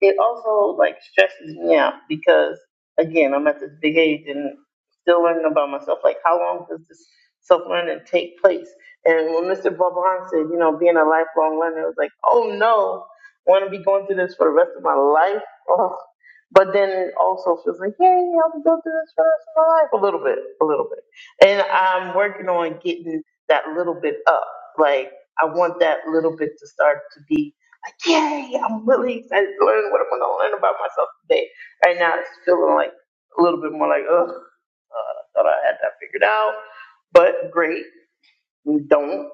A: it also like stresses me out because again, I'm at this big age and still learning about myself. Like how long does this self learning take place? And when Mr. Bob Hahn said, you know, being a lifelong learner, it was like, oh no, want to be going through this for the rest of my life Ugh. But then also feels like, yay, I'm gonna go through this for the rest of my life a little bit, a little bit. And I'm working on getting that little bit up. Like I want that little bit to start to be like, yay, I'm really excited to learn what I'm gonna learn about myself today. Right now it's feeling like a little bit more like, ugh, uh, I thought I had that figured out. But great we don't.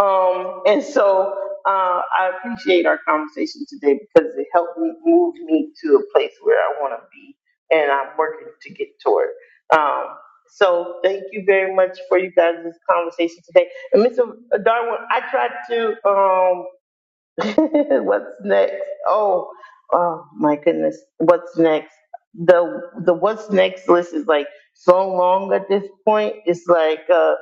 A: Um, and so uh, I appreciate our conversation today because it helped me move me to a place where I want to be and I'm working to get toward. Um, so thank you very much for you guys' conversation today. And Mr. Darwin, I tried to. um, what's next? Oh, oh my goodness, what's next? The the what's next list is like so long at this point. It's like uh,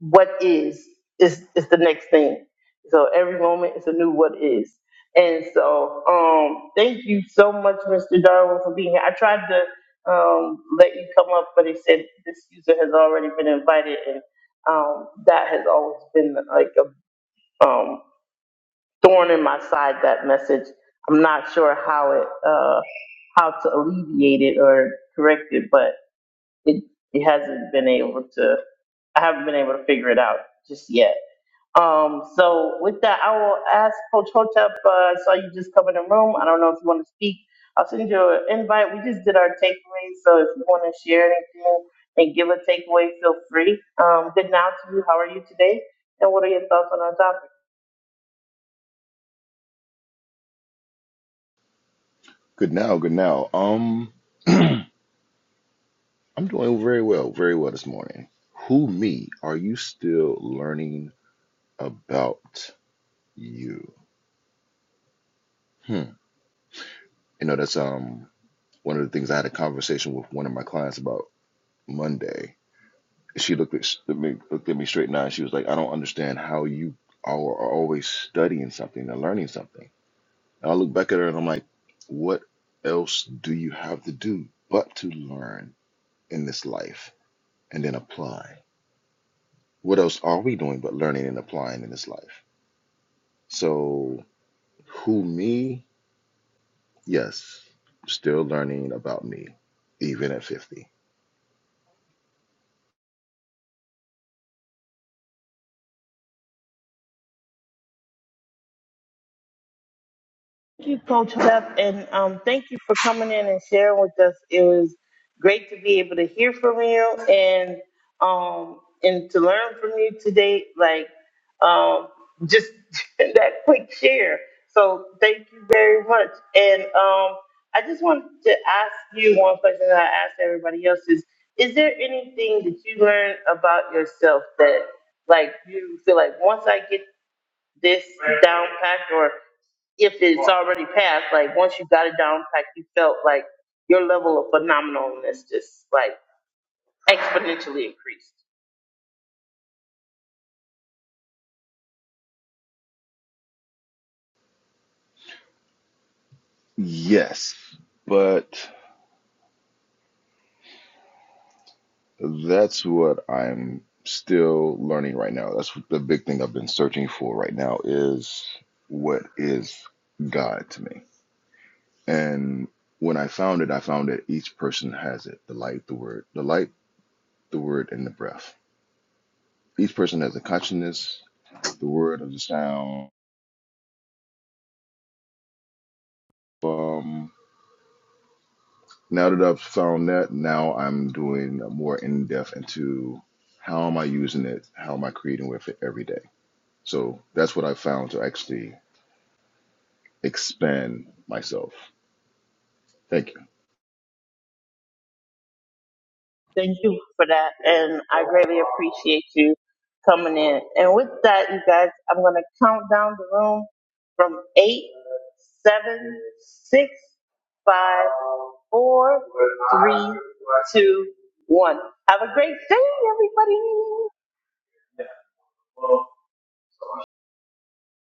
A: what is is is the next thing. So every moment is a new what is. And so, um, thank you so much, Mr. Darwin, for being here. I tried to um, let you come up, but they said this user has already been invited, and um, that has always been like a um, thorn in my side that message i'm not sure how it uh how to alleviate it or correct it but it it hasn't been able to i haven't been able to figure it out just yet um so with that i will ask coach hotep uh, i saw you just come in the room i don't know if you want to speak i'll send you an invite we just did our takeaways so if you want to share anything and give a takeaway feel free um good now to you how are you today and what are your thoughts on our topic
D: Good now, good now. Um, I'm doing very well, very well this morning. Who me? Are you still learning about you? Hmm. You know, that's um one of the things I had a conversation with one of my clients about Monday. She looked at, s- at me, looked at me straight in the eye. and She was like, "I don't understand how you are, are always studying something and learning something." And I look back at her and I'm like, "What else do you have to do but to learn in this life and then apply?" what else are we doing but learning and applying in this life? So, who me? Yes, still learning about me, even at 50.
A: Thank you, Coach Beth, and um, thank you for coming in and sharing with us. It was great to be able to hear from you and um, and to learn from you today. Like um, just that quick share. So thank you very much. And um, I just wanted to ask you one question that I asked everybody else is: Is there anything that you learned about yourself that like you feel like once I get this down packed or if it's already passed, like once you got it down, like you felt like your level of phenomenalness just like exponentially increased.
D: Yes, but that's what I'm still learning right now. That's the big thing I've been searching for right now is what is God to me? And when I found it, I found that each person has it the light, the word, the light, the word, and the breath. Each person has a consciousness, the word of the sound Um, now that I've found that, now I'm doing more in depth into how am I using it, how am I creating with it every day. So that's what I found to actually expand myself. Thank you.
A: Thank you for that, and I greatly appreciate you coming in. And with that, you guys, I'm gonna count down the room from eight, seven, six, five, four, three, two, one. Have a great day, everybody.